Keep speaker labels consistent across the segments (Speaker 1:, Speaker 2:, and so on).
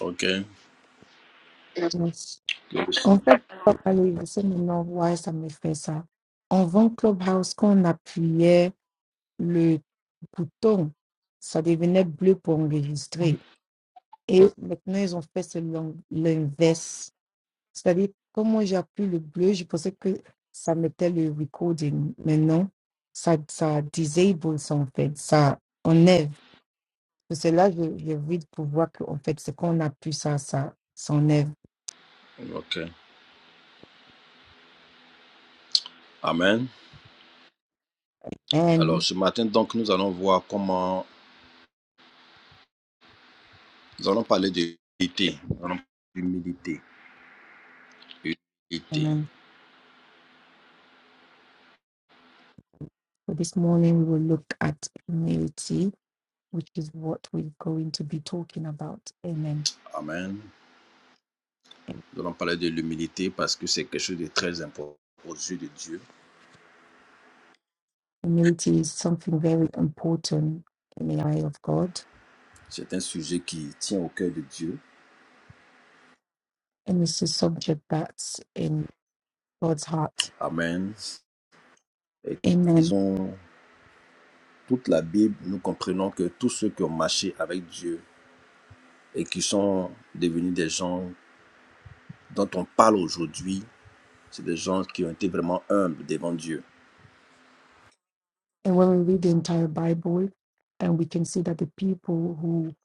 Speaker 1: Ok. Dieu
Speaker 2: Yes. En fait, papa Louis, c'est maintenant voir ça me fait ça. En vend Clubhouse, quand on appuyait le bouton, ça devenait bleu pour enregistrer. Et maintenant, ils ont fait ce l'in- l'inverse. C'est-à-dire, quand moi j'appuie le bleu, je pensais que ça mettait le recording. Maintenant, ça, ça disable ça en fait. Ça enlève. Parce que là, je, je vide pour voir que, en fait, c'est quand on appuie ça, ça s'enlève.
Speaker 1: Ok. Amen.
Speaker 2: Amen.
Speaker 1: Alors, ce matin, donc, nous allons voir comment. Nous allons parler de l'humilité. Nous allons parler d'humilité. Humilité.
Speaker 2: Amen. So this morning we will look at humility, which is what we're going to be talking about. Amen.
Speaker 1: Amen. Nous allons parler de l'humilité parce que c'est quelque chose de très important aux yeux de Dieu.
Speaker 2: Humility is something very important in the eye of God,
Speaker 1: C'est un sujet qui tient au cœur de Dieu.
Speaker 2: and it's a subject that's in God's heart.
Speaker 1: Amen. Et ils
Speaker 2: Amen.
Speaker 1: ont toute la Bible. Nous comprenons que tous ceux qui ont marché avec Dieu et qui sont devenus des gens dont on parle aujourd'hui, c'est des gens qui ont été vraiment humbles devant Dieu.
Speaker 2: And when we read the entire Bible, and we can see that the people who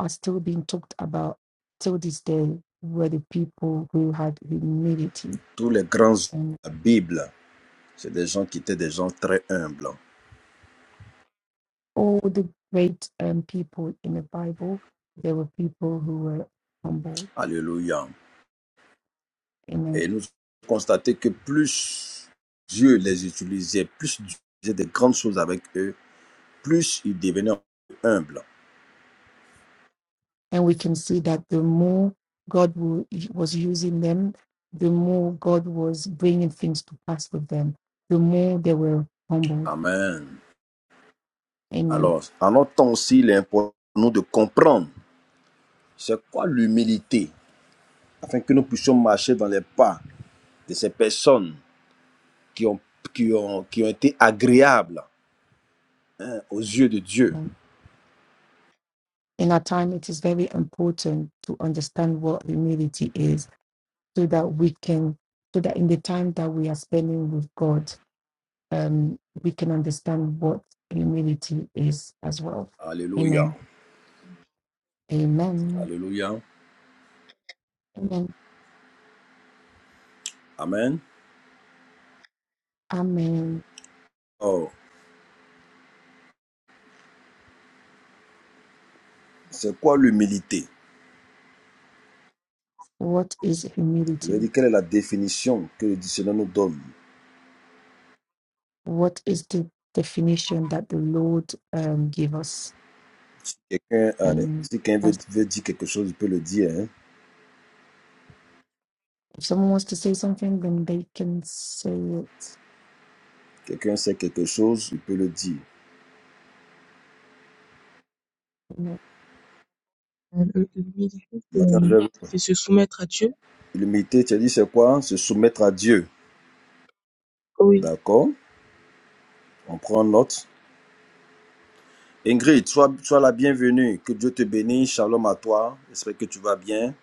Speaker 2: are still being talked about till this day were the people who had humility.
Speaker 1: Tous les grands de la Bible, c'est des gens qui étaient des gens très humbles.
Speaker 2: all the great um, people in the Bible, there were people who were humbled.
Speaker 1: Alléluia.
Speaker 2: Amen.
Speaker 1: Et nous avons constaté que plus Dieu les utilisait, plus Dieu faisait des grandes choses avec eux, plus ils devenaient humbles.
Speaker 2: And we can see that the more God wa- was using them, the more God was bringing things to pass with them, the more they were humbled.
Speaker 1: Amen.
Speaker 2: Amen.
Speaker 1: Alors, en notre temps aussi, il est important pour nous de comprendre c'est quoi l'humilité, afin que nous puissions marcher dans les pas de ces personnes qui ont, qui ont, qui ont été agréables hein, aux yeux de Dieu.
Speaker 2: In our time, it is very important to understand what humility is so that we can, so that in the time that we are spending with God, um, we can understand what humility is as well.
Speaker 1: Alléluia.
Speaker 2: Amen. Amen.
Speaker 1: Alléluia.
Speaker 2: Amen.
Speaker 1: Amen.
Speaker 2: Amen.
Speaker 1: Alors, c'est quoi l'humilité?
Speaker 2: What is
Speaker 1: Je veux
Speaker 2: humility?
Speaker 1: dire, quelle est la définition que le dictionnaire nous donne?
Speaker 2: What is the definition that the Lord um, gave us?
Speaker 1: Quelqu'un, euh,
Speaker 2: And
Speaker 1: si quelqu'un veut,
Speaker 2: that's,
Speaker 1: veut dire quelque chose, il peut le dire. hein.
Speaker 2: if someone wants to say something, then they can say it.
Speaker 1: Quelqu'un sait quelque chose, il peut le dire.
Speaker 2: Amen.
Speaker 3: Heu, le le mieux des choses, c'est,
Speaker 1: Maintenant,
Speaker 3: hem,
Speaker 1: je-
Speaker 3: c'est se soumettre à Dieu.
Speaker 1: L'humilité, tu as dit, c'est quoi? Se soumettre à Dieu.
Speaker 3: Oui.
Speaker 1: D'accord? On prend note. Ingrid, sois, sois la bienvenue. Que Dieu te bénisse. Shalom à toi. J'espère que tu vas bien.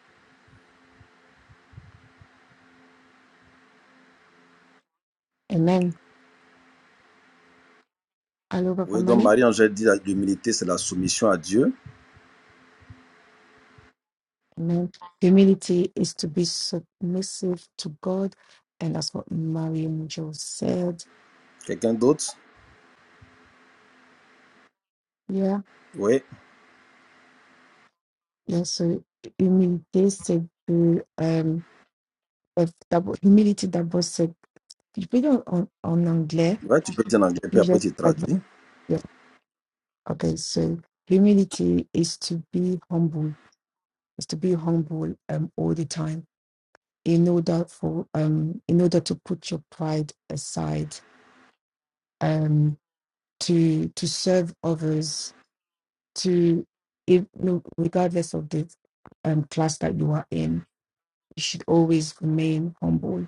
Speaker 2: Amen. Hello, Papa
Speaker 1: Oui, donc
Speaker 2: Mali.
Speaker 1: Marie-Angèle dit, la- l'humilité, c'est la soumission à Dieu.
Speaker 2: Amen. Humility is to be submissive to God. And that's what Mariam Joe said.
Speaker 1: Quelqu'un d'autre?
Speaker 2: Yeah
Speaker 1: Oui.
Speaker 2: Yeah, so humilité, c'est de euh, euh, d'abord, humility d'abord, c'est je peux dire en, en anglais
Speaker 1: Ouais, tu peux dire en
Speaker 2: et
Speaker 1: anglais, puis
Speaker 2: puis je
Speaker 1: après tu traduis.
Speaker 2: yeah. Okay, so humility is to be humble, is to be humble um all the time in order for um in order to put your pride aside, um to to serve others, to if no regardless of the um class that you are in, you should always remain humble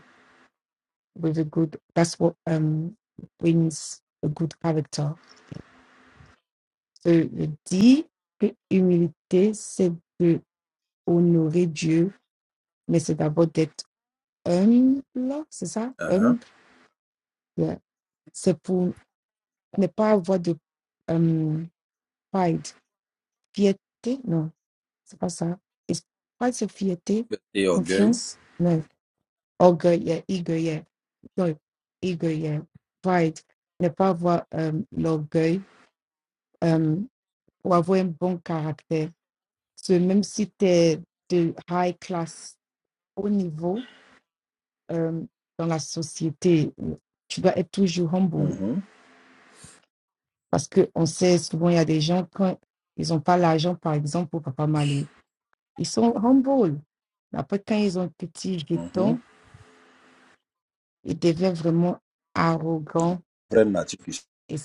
Speaker 2: with a good that's what um brings a good character. So le D, que humilité, c'est de honorer Dieu, mais c'est d'abord d'être humble, c'est ça?
Speaker 1: Uh-huh.
Speaker 2: Humble. yeah. C'est pour ne pas avoir de um, pride, fierté, non, c'est pas ça. It's- Pride, c'est fierté,
Speaker 1: Et orgueil.
Speaker 2: confiance, non, orgueil, yeah, orgueil, yeah. non, orgueil, yeah. pride, ne pas avoir um, l'orgueil, um, pour avoir un bon caractère. Parce que même si tu es de high class, haut niveau euh, dans la société, euh, tu dois être toujours humble.
Speaker 1: Mhm,
Speaker 2: Parce qu'on sait souvent, il y a des gens, quand ils n'ont pas l'argent, par exemple, pour Papa Malé, ils sont humble. Mais après, quand ils ont un petit
Speaker 1: mhm.
Speaker 2: jeton, ils deviennent vraiment arrogants.
Speaker 1: Vraie nature qui-
Speaker 2: Et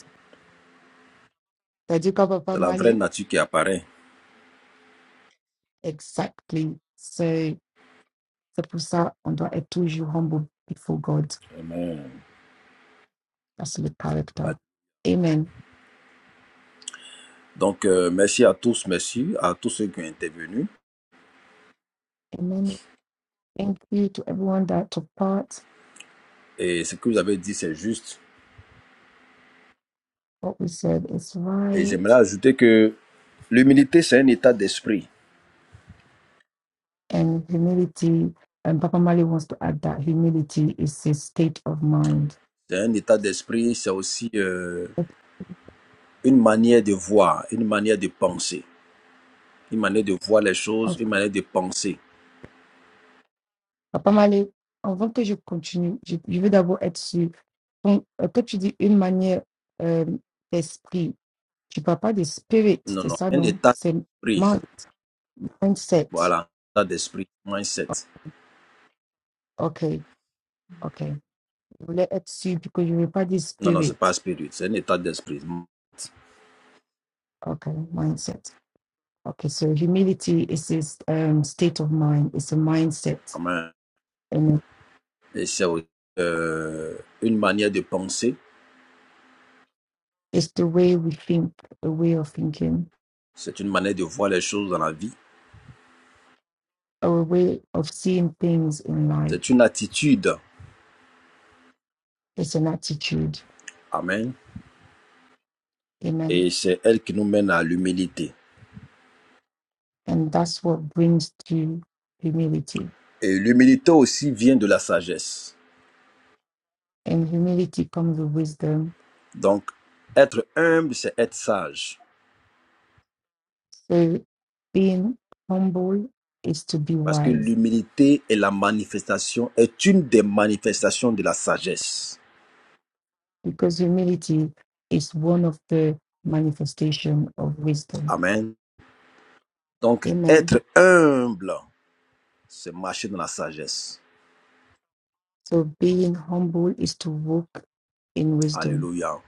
Speaker 2: C'est-à-dire quand Papa
Speaker 1: C'est la vraie
Speaker 2: Malé,
Speaker 1: nature qui apparaît.
Speaker 2: exactly. C'est c'est pour ça on doit être toujours humble before God.
Speaker 1: Amen.
Speaker 2: That's the
Speaker 1: Ouais.
Speaker 2: character. Amen.
Speaker 1: Donc, euh, merci à tous, merci à tous ceux qui ont intervenu.
Speaker 2: Amen. Thank you to everyone that took part.
Speaker 1: Et ce que vous avez dit, c'est juste.
Speaker 2: What we said is
Speaker 1: Et
Speaker 2: right.
Speaker 1: j'aimerais ajouter que l'humilité, c'est un état d'esprit.
Speaker 2: And humility, and Papa Mali wants to add that humility is a state of mind.
Speaker 1: C'est un état d'esprit, c'est aussi euh, une manière de voir, une manière de penser, une manière de voir les choses,
Speaker 2: Of-
Speaker 1: une manière de penser.
Speaker 2: Papa Mali, avant que je continue, je, je veux d'abord être sûr. Quand, euh, quand tu dis une manière euh, d'esprit, tu parles pas de spirit,
Speaker 1: Non,
Speaker 2: c'est
Speaker 1: non,
Speaker 2: ça,
Speaker 1: un
Speaker 2: non?
Speaker 1: état
Speaker 2: C'est
Speaker 1: d'esprit.
Speaker 2: mind, mindset.
Speaker 1: Voilà, un état d'esprit, mindset.
Speaker 2: OK, OK. Je voulais être sûr parce que je ne veux pas dire
Speaker 1: Non, non,
Speaker 2: spirit.
Speaker 1: c'est pas spirit, c'est un état d'esprit.
Speaker 2: OK, mindset. Okay, so humility is this um, state of mind, it's a mindset,
Speaker 1: Amen.
Speaker 2: and
Speaker 1: Et c'est aussi, euh, une manière de penser,
Speaker 2: it's the way we think, a way of thinking,
Speaker 1: c'est une manière de voir les choses dans la vie,
Speaker 2: or a way of seeing things in life.
Speaker 1: c'est une attitude.
Speaker 2: It's an attitude,
Speaker 1: Amen.
Speaker 2: amen.
Speaker 1: Et c'est elle qui nous mène à l'humilité.
Speaker 2: And that's what brings to humility.
Speaker 1: Et l'humilité aussi vient de la sagesse.
Speaker 2: And humility comes with wisdom.
Speaker 1: Donc, être humble, c'est être sage.
Speaker 2: So being humble is to be
Speaker 1: Parce que
Speaker 2: wise,
Speaker 1: l'humilité est la manifestation, est une des manifestations de la sagesse.
Speaker 2: because humility is one of the manifestation of wisdom.
Speaker 1: Amen. Donc,
Speaker 2: Amen.
Speaker 1: être humble, c'est marcher dans la sagesse.
Speaker 2: So being humble is to walk in wisdom.
Speaker 1: Alléluia.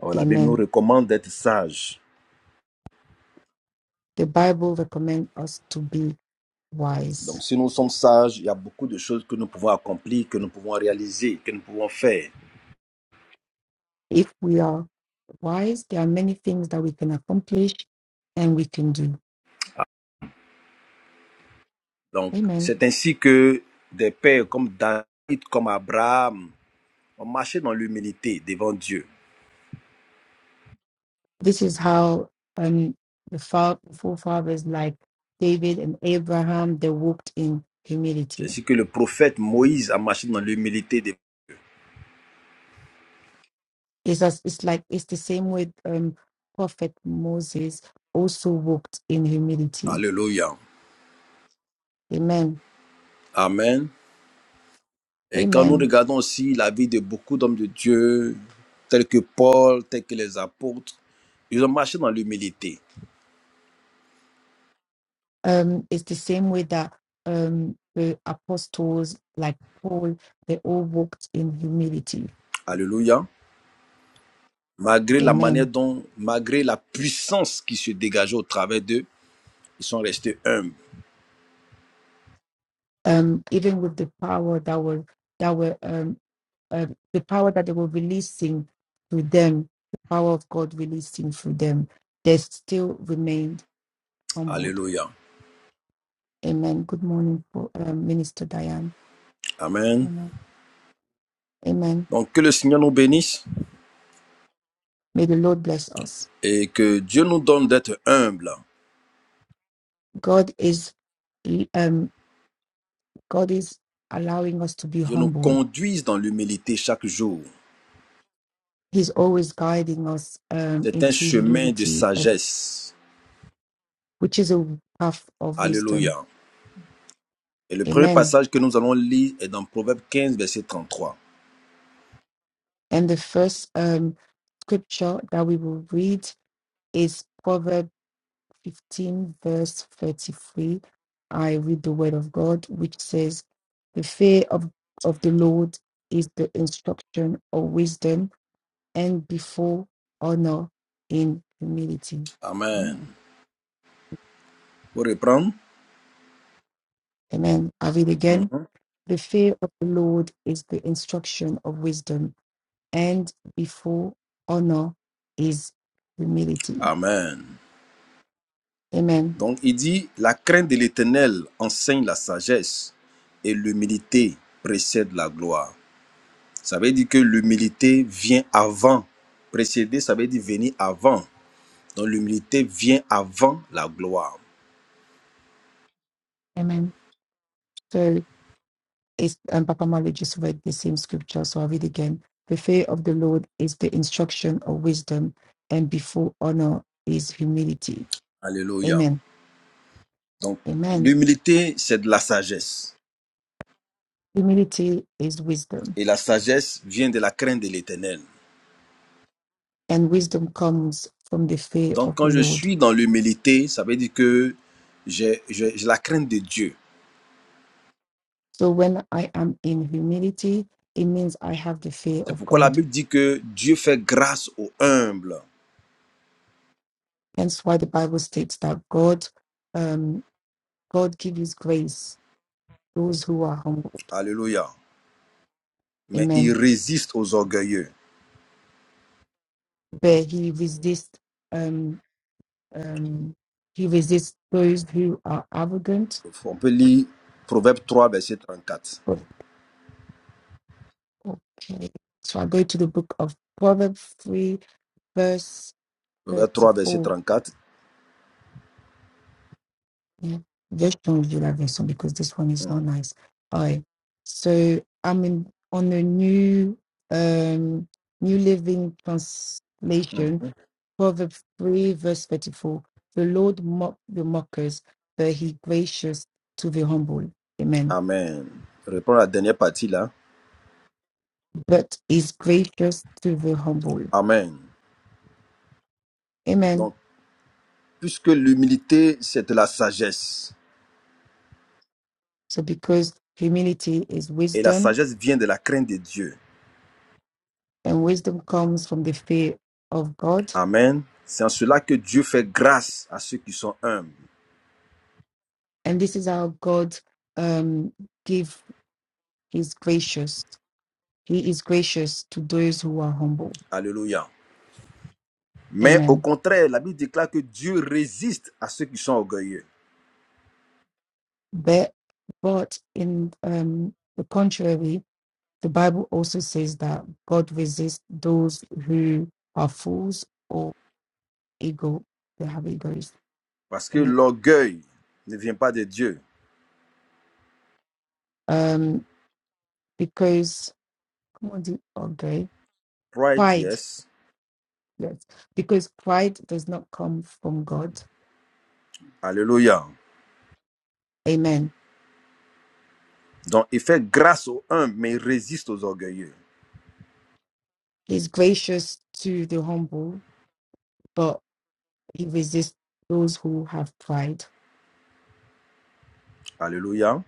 Speaker 1: Alors, la Bible nous
Speaker 2: Amen.
Speaker 1: recommande d'être sage
Speaker 2: The Bible recommends us to be wise.
Speaker 1: Donc si nous sommes sages, il y a beaucoup de choses que nous pouvons accomplir, que nous pouvons réaliser, que nous pouvons faire.
Speaker 2: If we are wise, there are many things that we can accomplish and we can do.
Speaker 1: Donc
Speaker 2: Amen.
Speaker 1: c'est ainsi que des pères comme David, comme Abraham, ont marché dans l'humilité devant Dieu.
Speaker 2: This is how um, the fa- forefathers like David and Abraham they walked in
Speaker 1: C'est
Speaker 2: humility.
Speaker 1: ainsi que le prophète Moïse a marché dans l'humilité. devant Dieu.
Speaker 2: It's as, it's like it's the same with um, Prophet Moses also walked in humility.
Speaker 1: Alléluia.
Speaker 2: Amen.
Speaker 1: Amen. Et quand nous
Speaker 2: Amen.
Speaker 1: regardons aussi la vie de beaucoup d'hommes de Dieu, tels que Paul, tels que les apôtres, ils ont marché dans l'humilité.
Speaker 2: um, it's the same way that um, the apostles like Paul, they all walked in humility.
Speaker 1: Alléluia. Malgré la manière
Speaker 2: Amen.
Speaker 1: dont, malgré la puissance qui se dégageait au travers d'eux, Ils sont restés humbles.
Speaker 2: Um, even with the power that were that were um, uh, the power that they were releasing through them, the power of God releasing through them, they still remained humbled.
Speaker 1: Alléluia.
Speaker 2: Amen. Good morning, Pro- um, Minister Diane.
Speaker 1: Amen.
Speaker 2: Amen. Amen.
Speaker 1: Donc que le Seigneur nous bénisse
Speaker 2: May the Lord bless us.
Speaker 1: et que Dieu nous donne d'être humbles.
Speaker 2: God is um, God is allowing us to be
Speaker 1: Dieu nous
Speaker 2: humble
Speaker 1: conduise dans l'humilité chaque jour.
Speaker 2: He's always guiding us um,
Speaker 1: C'est un
Speaker 2: into
Speaker 1: chemin de
Speaker 2: humility, uh,
Speaker 1: sagesse.
Speaker 2: which is a path of wisdom.
Speaker 1: Alléluia. Et le premier
Speaker 2: Amen.
Speaker 1: passage que nous allons lire est dans Proverbe 15, verset 33.
Speaker 2: And the first um, scripture that we will read is Proverbs 15, verse 33. I read the word of God, which says, The fear of, of the Lord is the instruction of wisdom, and before honor in humility.
Speaker 1: Amen.
Speaker 2: Mm.
Speaker 1: Vous reprendre
Speaker 2: Amen. I read again.
Speaker 1: Mhm.
Speaker 2: The fear of the Lord is the instruction of wisdom, and before honor is humility.
Speaker 1: Amen.
Speaker 2: Amen.
Speaker 1: Donc il dit, la crainte de l'Éternel enseigne la sagesse et l'humilité précède la gloire. Ça veut dire que l'humilité vient avant. Précéder, ça veut dire venir avant. Donc l'humilité vient avant la gloire.
Speaker 2: Amen. So it's and Papa Mali just read the same scripture, so I'll read again. The fear of the Lord is the instruction of wisdom, and before honor is humility.
Speaker 1: Alléluia.
Speaker 2: Amen.
Speaker 1: Donc
Speaker 2: Amen.
Speaker 1: l'humilité, c'est de la sagesse.
Speaker 2: Humility is wisdom,
Speaker 1: Et la sagesse vient de la crainte de l'éternel.
Speaker 2: and wisdom comes from the fear
Speaker 1: Donc
Speaker 2: of the
Speaker 1: quand je
Speaker 2: Lord.
Speaker 1: suis dans l'humilité, ça veut dire que j'ai j'ai- j'ai la crainte de Dieu.
Speaker 2: So when I am in humility, it means I have the fear
Speaker 1: C'est
Speaker 2: of
Speaker 1: pourquoi la
Speaker 2: God
Speaker 1: Bible dit que Dieu fait grâce aux humbles.
Speaker 2: Hence why the Bible states that God, um, God gives His grace those who are humbled.
Speaker 1: Alléluia. Mais il
Speaker 2: Amen.
Speaker 1: résiste aux orgueilleux.
Speaker 2: But He resists, um, um, He resists those who are arrogant.
Speaker 1: On peut lire Proverbe 3 verset 34.
Speaker 2: But- Okay. So I go to the book of Proverbs three, verse
Speaker 1: Proverbe 3 verset
Speaker 2: thirty-four.
Speaker 1: 34.
Speaker 2: Yeah. Just don't do that version because this one is
Speaker 1: Mm,
Speaker 2: not nice. All right. So I'm in on the new, um, New Living
Speaker 1: mm.
Speaker 2: Translation Proverbs 3, verse 34. The Lord mock the mockers, but he gracious to the humble. Amen.
Speaker 1: Amen. Réponds à la dernière partie là.
Speaker 2: But is gracious to the humble.
Speaker 1: Amen.
Speaker 2: Amen.
Speaker 1: Donc, puisque l'humilité, c'est de la sagesse,
Speaker 2: So because humility is
Speaker 1: et la
Speaker 2: wisdom,
Speaker 1: sagesse vient de la crainte de Dieu.
Speaker 2: and wisdom comes from the fear of God.
Speaker 1: Amen. C'est en cela que Dieu fait grâce à ceux qui sont humbles.
Speaker 2: And this is how God um give his gracious. He is gracious to those who are humble.
Speaker 1: Alléluia. Mais au
Speaker 2: Amen.
Speaker 1: contraire, la Bible déclare que Dieu résiste à ceux qui sont orgueilleux.
Speaker 2: But but in um the contrary, The Bible also says that God resists those who are fools or ego. They have egos.
Speaker 1: Parce que
Speaker 2: Amen.
Speaker 1: l'orgueil ne vient pas de Dieu.
Speaker 2: Um, because come on, the okay,
Speaker 1: Pride,
Speaker 2: pride.
Speaker 1: yes.
Speaker 2: Yes, because pride does not come from God.
Speaker 1: Alléluia.
Speaker 2: Amen.
Speaker 1: Donc, il fait grâce aux humbles, mais il résiste aux orgueilleux.
Speaker 2: He's gracious to the humble, but he resists those who have pride.
Speaker 1: Alléluia.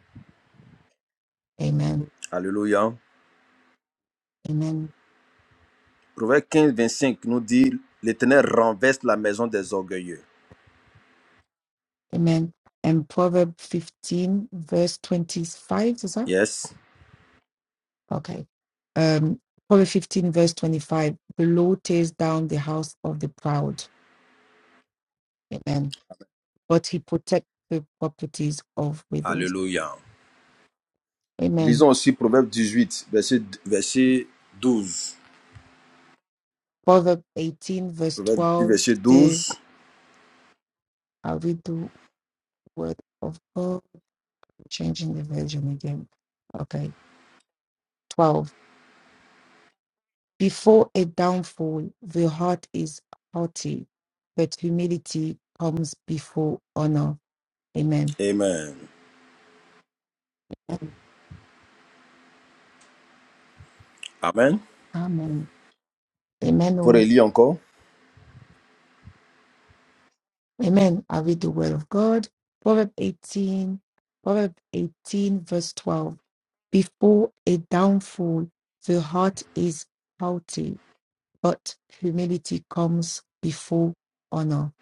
Speaker 2: Amen.
Speaker 1: Alléluia.
Speaker 2: Amen.
Speaker 1: Proverbe 25 nous dit L'Éternel renverse la maison des orgueilleux.
Speaker 2: Amen. And Proverbs 15, verse 25, is that?
Speaker 1: Yes.
Speaker 2: Okay. Um, Proverbs 15, verse 25. The Lord tears down the house of the proud. Amen. But he protects the properties of widows.
Speaker 1: Alléluia.
Speaker 2: Amen.
Speaker 1: Lisons aussi Proverbe 18, verset, verset 12.
Speaker 2: Proverbs 18, verse
Speaker 1: Proverbe 18,
Speaker 2: 12
Speaker 1: verset
Speaker 2: says,
Speaker 1: douze.
Speaker 2: I read the word of God, changing the version again. Okay. 12. Before a downfall, the heart is haughty, but humility comes before honor. Amen.
Speaker 1: Amen. Amen.
Speaker 2: Amen.
Speaker 1: Pour
Speaker 2: Amen.
Speaker 1: relire encore.
Speaker 2: Amen. I read the word of God. Proverb 18, Proverb 18, verse 12. Before a downfall, the heart is haughty, but humility comes before honor.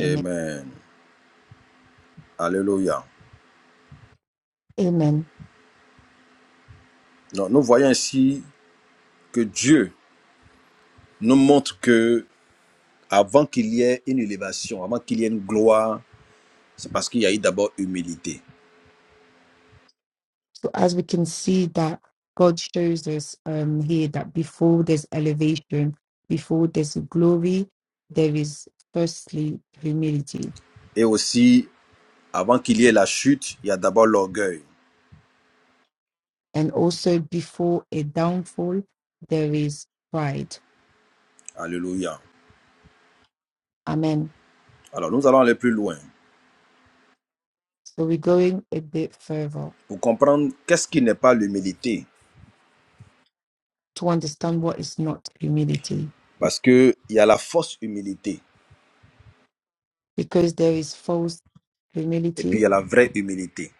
Speaker 2: Amen.
Speaker 1: Alléluia.
Speaker 2: Amen.
Speaker 1: Donc, nous voyons ainsi que Dieu nous montre que avant qu'il y ait une élévation, avant qu'il y ait une gloire, c'est parce qu'il y a eu d'abord humilité.
Speaker 2: So as we can see that God shows us um, here that before there's elevation, before there's glory, there is firstly humility.
Speaker 1: Et aussi, avant qu'il y ait la chute, il y a d'abord l'orgueil.
Speaker 2: And also before a downfall, there is pride
Speaker 1: Alléluia.
Speaker 2: Amen.
Speaker 1: Alors, nous allons aller plus loin
Speaker 2: So we're going a bit further
Speaker 1: pour comprendre qu'est-ce qui n'est pas l'humilité.
Speaker 2: to understand what is not humility,
Speaker 1: Parce qu'il y a la fausse humilité
Speaker 2: because there is false
Speaker 1: et puis il
Speaker 2: humility
Speaker 1: y a la vraie humilité.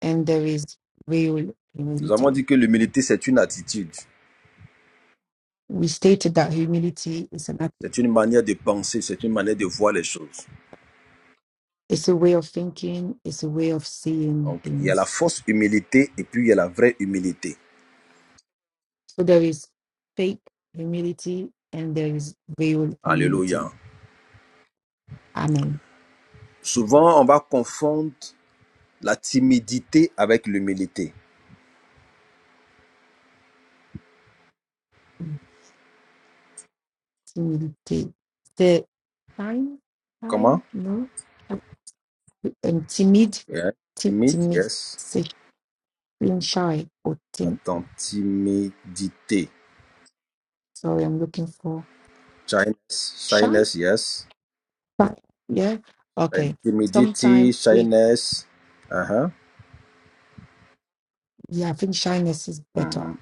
Speaker 2: and there is real
Speaker 1: Nous avons
Speaker 2: humility.
Speaker 1: dit que l'humilité, c'est une attitude,
Speaker 2: We stated that humility is an act,
Speaker 1: c'est une manière de penser, c'est une manière de voir les choses.
Speaker 2: it's a way of thinking, it's a way of seeing
Speaker 1: Donc, il y a la
Speaker 2: things.
Speaker 1: fausse humilité et puis il y a la vraie humilité.
Speaker 2: So there is fake humility and there is real humility.
Speaker 1: Alléluia.
Speaker 2: Amen.
Speaker 1: Souvent, on va confondre la timidité avec l'humilité.
Speaker 2: Humility. The time,
Speaker 1: Comment
Speaker 2: time, no. um, timid,
Speaker 1: Yeah.
Speaker 2: ti-
Speaker 1: Timide,
Speaker 2: timid,
Speaker 1: yes.
Speaker 2: say, being shy or tim.
Speaker 1: Attends, timidité.
Speaker 2: Sorry, I'm looking for
Speaker 1: Shyness,
Speaker 2: shy.
Speaker 1: shyness, yes.
Speaker 2: But yeah,
Speaker 1: euh,
Speaker 2: okay.
Speaker 1: timidity,
Speaker 2: Sometimes we,
Speaker 1: shyness. Uh-huh.
Speaker 2: yeah, I think shyness is better.
Speaker 1: Mhm.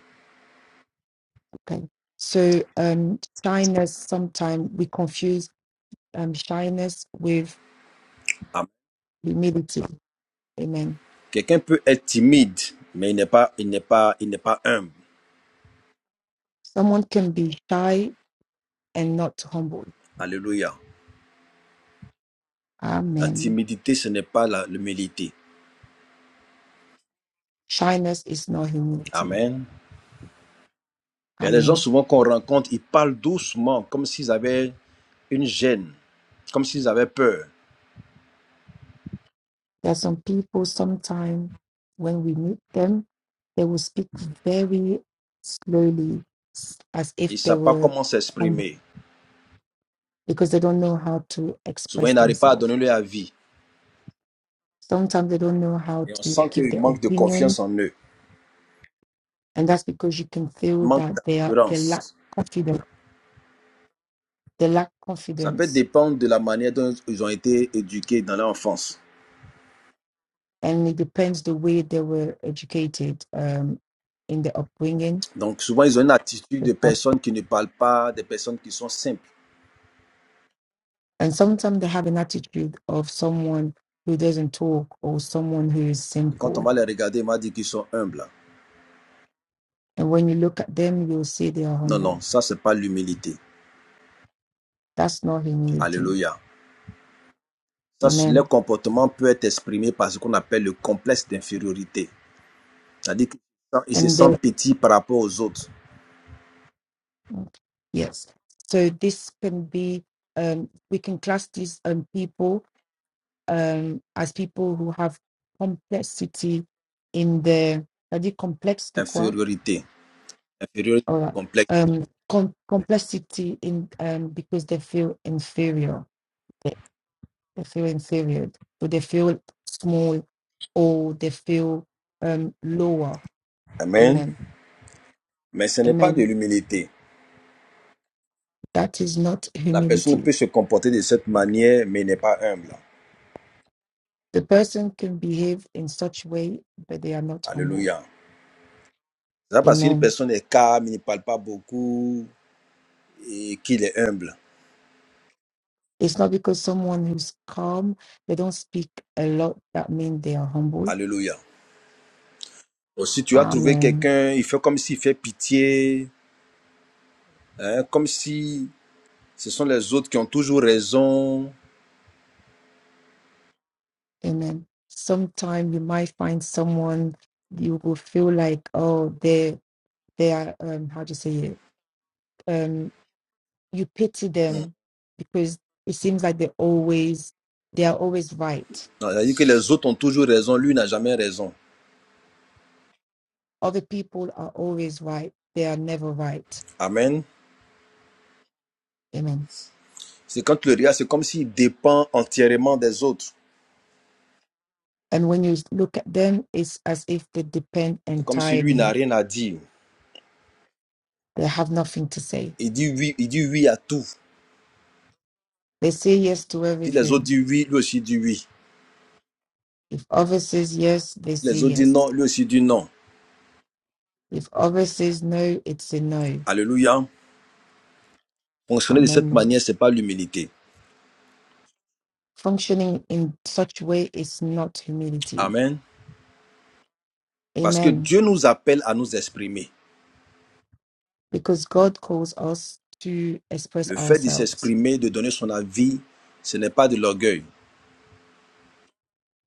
Speaker 2: Okay, so um, shyness. Sometimes we confuse um shyness with
Speaker 1: Ah,
Speaker 2: humility. Amen.
Speaker 1: Quelqu'un peut être timide, mais il n'est pas, il n'est pas, il n'est pas humble.
Speaker 2: Someone can be shy and not humble.
Speaker 1: Alléluia. La
Speaker 2: Amen.
Speaker 1: timidité, ce n'est pas la- l'humilité.
Speaker 2: Shyness is not humility.
Speaker 1: Amen. Il y a des gens
Speaker 2: Amen.
Speaker 1: souvent qu'on rencontre, ils parlent doucement, comme s'ils avaient une gêne, comme s'ils avaient peur.
Speaker 2: There are some people, sometime when we meet them, they will speak very slowly, s- as
Speaker 1: Ils
Speaker 2: if
Speaker 1: ne
Speaker 2: they
Speaker 1: savent pas
Speaker 2: were
Speaker 1: comment
Speaker 2: humble,
Speaker 1: s'exprimer.
Speaker 2: because they don't know how to
Speaker 1: Souvent,
Speaker 2: express
Speaker 1: ils n'arrivent pas à
Speaker 2: themselves.
Speaker 1: donner leur avis.
Speaker 2: Sometimes they don't know how
Speaker 1: Et on
Speaker 2: to
Speaker 1: sent
Speaker 2: give
Speaker 1: qu'ils
Speaker 2: their
Speaker 1: manquent de
Speaker 2: opinion,
Speaker 1: confiance en eux,
Speaker 2: and that's because you can
Speaker 1: ils
Speaker 2: feel
Speaker 1: manquent
Speaker 2: that they are they lack
Speaker 1: d'assurance.
Speaker 2: confidence. They lack
Speaker 1: Ça peut
Speaker 2: confidence,
Speaker 1: dépendre de la manière dont ils ont été éduqués dans l'enfance.
Speaker 2: and it depends the way they were educated um, in the upbringing
Speaker 1: Donc souvent, ils ont une attitude de personnes qui ne parlent pas, des personnes qui sont simples.
Speaker 2: And sometimes they have an attitude of someone who doesn't talk or someone who is
Speaker 1: Et quand on
Speaker 2: simple.
Speaker 1: va les regarder, on va dire qu'ils sont humbles.
Speaker 2: And when you look at them, you'll see they are
Speaker 1: Non,
Speaker 2: humble.
Speaker 1: non, ça, c'est pas l'humilité.
Speaker 2: That's not humility.
Speaker 1: Alléluia. Ça, leur
Speaker 2: Amen.
Speaker 1: comportement peut être exprimé par ce qu'on appelle le complexe d'infériorité. C'est-à-dire qu'ils se sentent se
Speaker 2: And they,
Speaker 1: sentent petits par rapport aux autres.
Speaker 2: yes. So this can be, um, we can class these um, people um, as people who have complexity in their, t'as dit complexe de quoi?
Speaker 1: Infériorité. Infériorité
Speaker 2: All right.
Speaker 1: complexe.
Speaker 2: Um, com- complexity in um, because they feel inferior They feel inferior. Do they feel small or they feel um, lower?
Speaker 1: Amen.
Speaker 2: Amen.
Speaker 1: Mais ce n'est pas de
Speaker 2: Amen.
Speaker 1: l'humilité.
Speaker 2: That is not
Speaker 1: La personne
Speaker 2: humility.
Speaker 1: peut se comporter de cette manière, mais n'est pas humble.
Speaker 2: The person can behave in such way, but they are not humble.
Speaker 1: Alléluia. C'est pas parce qu'une
Speaker 2: Amen.
Speaker 1: personne est calme, il ne parle pas beaucoup, et qu'il est humble.
Speaker 2: It's not because someone who's calm, they don't speak a lot, that means they are humble.
Speaker 1: Alléluia. Bon, si tu as trouvé
Speaker 2: Amen.
Speaker 1: quelqu'un, il fait comme s'il fait pitié, hein, comme si ce sont les autres qui ont toujours raison.
Speaker 2: Amen. Sometimes you might find someone you will feel like, oh, they they are um how do you say it? um, you pity
Speaker 1: Hum.
Speaker 2: them because it seems like they're always they are always right.
Speaker 1: Non, C'est-à-dire que les autres ont toujours raison, lui n'a jamais raison.
Speaker 2: Other people are always right. They are never right.
Speaker 1: Amen.
Speaker 2: Amen.
Speaker 1: C'est quand tu le regardes, c'est comme s'il dépend entièrement des autres.
Speaker 2: And when you look at them, it's as if they depend
Speaker 1: C'est comme si lui n'a
Speaker 2: entirely.
Speaker 1: rien à dire.
Speaker 2: They have nothing to say.
Speaker 1: Il dit oui, il dit oui à tout.
Speaker 2: They say yes to
Speaker 1: Si les autres
Speaker 2: everything.
Speaker 1: disent oui, lui aussi dit oui. Si
Speaker 2: If others says yes, they say
Speaker 1: les autres disent
Speaker 2: yes.
Speaker 1: non, lui aussi dit non.
Speaker 2: If others says no, it's a no.
Speaker 1: Alléluia. Fonctionner de
Speaker 2: Amen.
Speaker 1: cette
Speaker 2: No.
Speaker 1: manière, c'est pas l'humilité.
Speaker 2: Functioning in such way is not humility.
Speaker 1: Amen. Parce que
Speaker 2: Amen
Speaker 1: Dieu nous appelle à nous exprimer.
Speaker 2: because God calls us to express
Speaker 1: Le fait de
Speaker 2: ourselves.
Speaker 1: s'exprimer, de donner son avis, ce n'est pas de l'orgueil,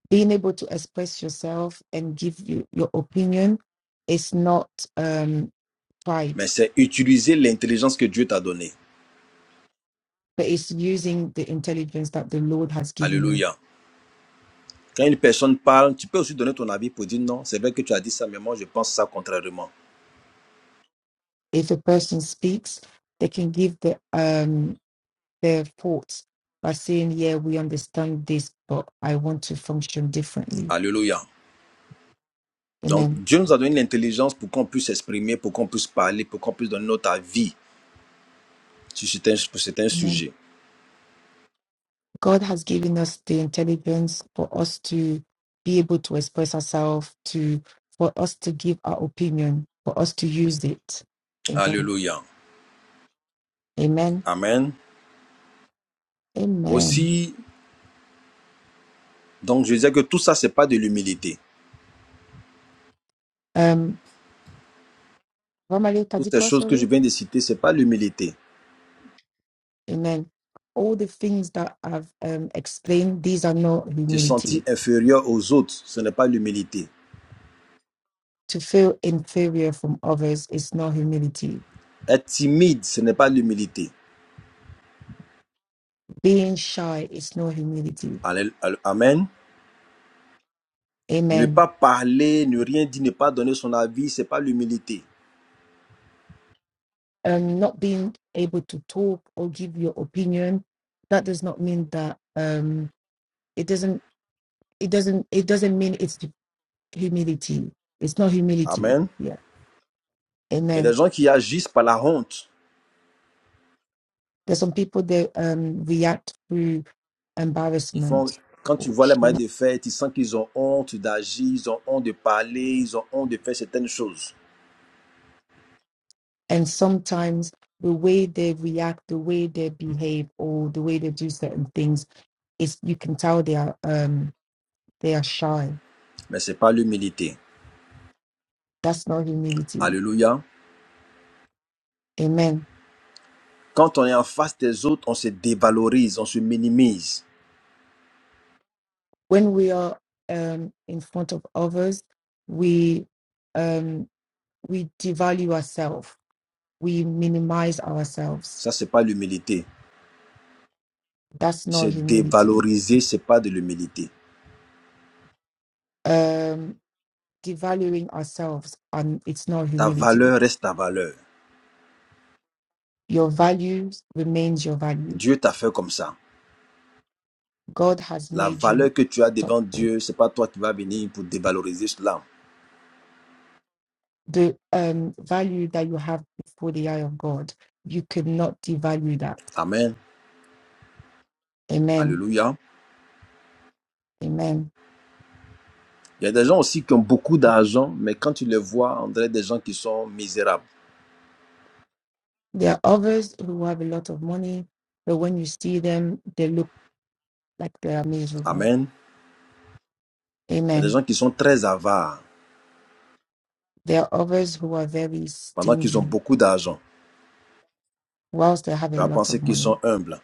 Speaker 2: Being able to express yourself and give you your opinion is not um, pride,
Speaker 1: mais c'est utiliser l'intelligence que Dieu t'a donnée.
Speaker 2: but it's using the intelligence that the Lord has given you.
Speaker 1: Alléluia. Quand une personne parle, tu peux aussi donner ton avis pour dire non, c'est vrai que tu as dit ça, mais moi je pense ça contrairement.
Speaker 2: If a person speaks, they can give the, um, their thoughts by saying, "Yeah, we understand this, but I want to function differently."
Speaker 1: Alléluia. Donc
Speaker 2: Amen.
Speaker 1: Dieu nous a donné l'intelligence pour qu'on puisse s'exprimer, pour qu'on puisse parler, pour qu'on puisse donner notre avis sur certains, sur certains sujets.
Speaker 2: God has given us the intelligence for us to be able to express ourselves, to for us to give our opinion, for us to use it. Amen.
Speaker 1: Alléluia.
Speaker 2: Amen.
Speaker 1: Amen.
Speaker 2: Amen.
Speaker 1: Aussi, donc je disais que tout ça, c'est pas de l'humilité.
Speaker 2: Um, Romale
Speaker 1: Toutes ces
Speaker 2: Kadikwa,
Speaker 1: choses que je
Speaker 2: sorry.
Speaker 1: viens de citer, c'est pas l'humilité.
Speaker 2: Amen. All the things that I've um, explained, these are not
Speaker 1: Se sentir
Speaker 2: humility.
Speaker 1: inférieur aux autres, ce n'est pas l'humilité.
Speaker 2: To feel inferior from others is not humility.
Speaker 1: Être timide, ce n'est pas l'humilité.
Speaker 2: Being shy is not humility.
Speaker 1: Amen. Ne
Speaker 2: Amen.
Speaker 1: pas parler, ne rien dire, ne pas donner son avis, c'est pas l'humilité.
Speaker 2: um, not being able to talk or give your opinion, that does not mean that um, it doesn't it doesn't it doesn't mean it's humility. It's not humility.
Speaker 1: Amen.
Speaker 2: Yeah.
Speaker 1: Et les
Speaker 2: Amen.
Speaker 1: gens qui agissent par la honte,
Speaker 2: There's some people that um, react through
Speaker 1: ils font,
Speaker 2: embarrassment
Speaker 1: quand tu
Speaker 2: or
Speaker 1: vois les
Speaker 2: shame,
Speaker 1: manières de faire, tu sens qu'ils ont honte d'agir, ils ont honte de parler, ils ont honte de faire certaines choses.
Speaker 2: and sometimes the way they react, the way they behave, or the way they do certain things, is you can tell they are um, they are shy.
Speaker 1: Mais c'est pas l'humilité.
Speaker 2: That's not humility.
Speaker 1: Alléluia.
Speaker 2: Amen
Speaker 1: Quand on est en face des autres, on se dévalorise, on se minimise.
Speaker 2: when we are um, in front of others, we um, we devalue ourselves, we minimize ourselves.
Speaker 1: Ça, c'est pas l'humilité.
Speaker 2: That's
Speaker 1: Se
Speaker 2: not humility.
Speaker 1: dévaloriser, c'est pas de l'humilité.
Speaker 2: Um, devaluing ourselves, and it's not
Speaker 1: Ta
Speaker 2: humility.
Speaker 1: valeur reste ta valeur.
Speaker 2: Your values remains your value.
Speaker 1: Dieu t'a fait comme ça.
Speaker 2: God has
Speaker 1: La
Speaker 2: made you
Speaker 1: valeur que tu as
Speaker 2: such
Speaker 1: devant
Speaker 2: a-
Speaker 1: Dieu, c'est pas toi qui vas venir pour dévaloriser cela.
Speaker 2: the um, value that you have before the eye of God. You could not devalue that.
Speaker 1: Amen.
Speaker 2: Amen.
Speaker 1: Alléluia.
Speaker 2: Amen.
Speaker 1: Il y a des gens aussi qui ont beaucoup d'argent, mais quand tu les vois, on dirait des gens qui sont misérables.
Speaker 2: There are others who have a lot of money, but when you see them, they look like they are miserable.
Speaker 1: Amen. Il y a des
Speaker 2: Amen.
Speaker 1: gens qui sont très avares
Speaker 2: There are others who are very
Speaker 1: pendant qu'ils ont
Speaker 2: stingy.
Speaker 1: beaucoup d'argent.
Speaker 2: Whilst they have a
Speaker 1: Tu vas
Speaker 2: lot
Speaker 1: penser
Speaker 2: of
Speaker 1: qu'ils
Speaker 2: money,
Speaker 1: sont humbles.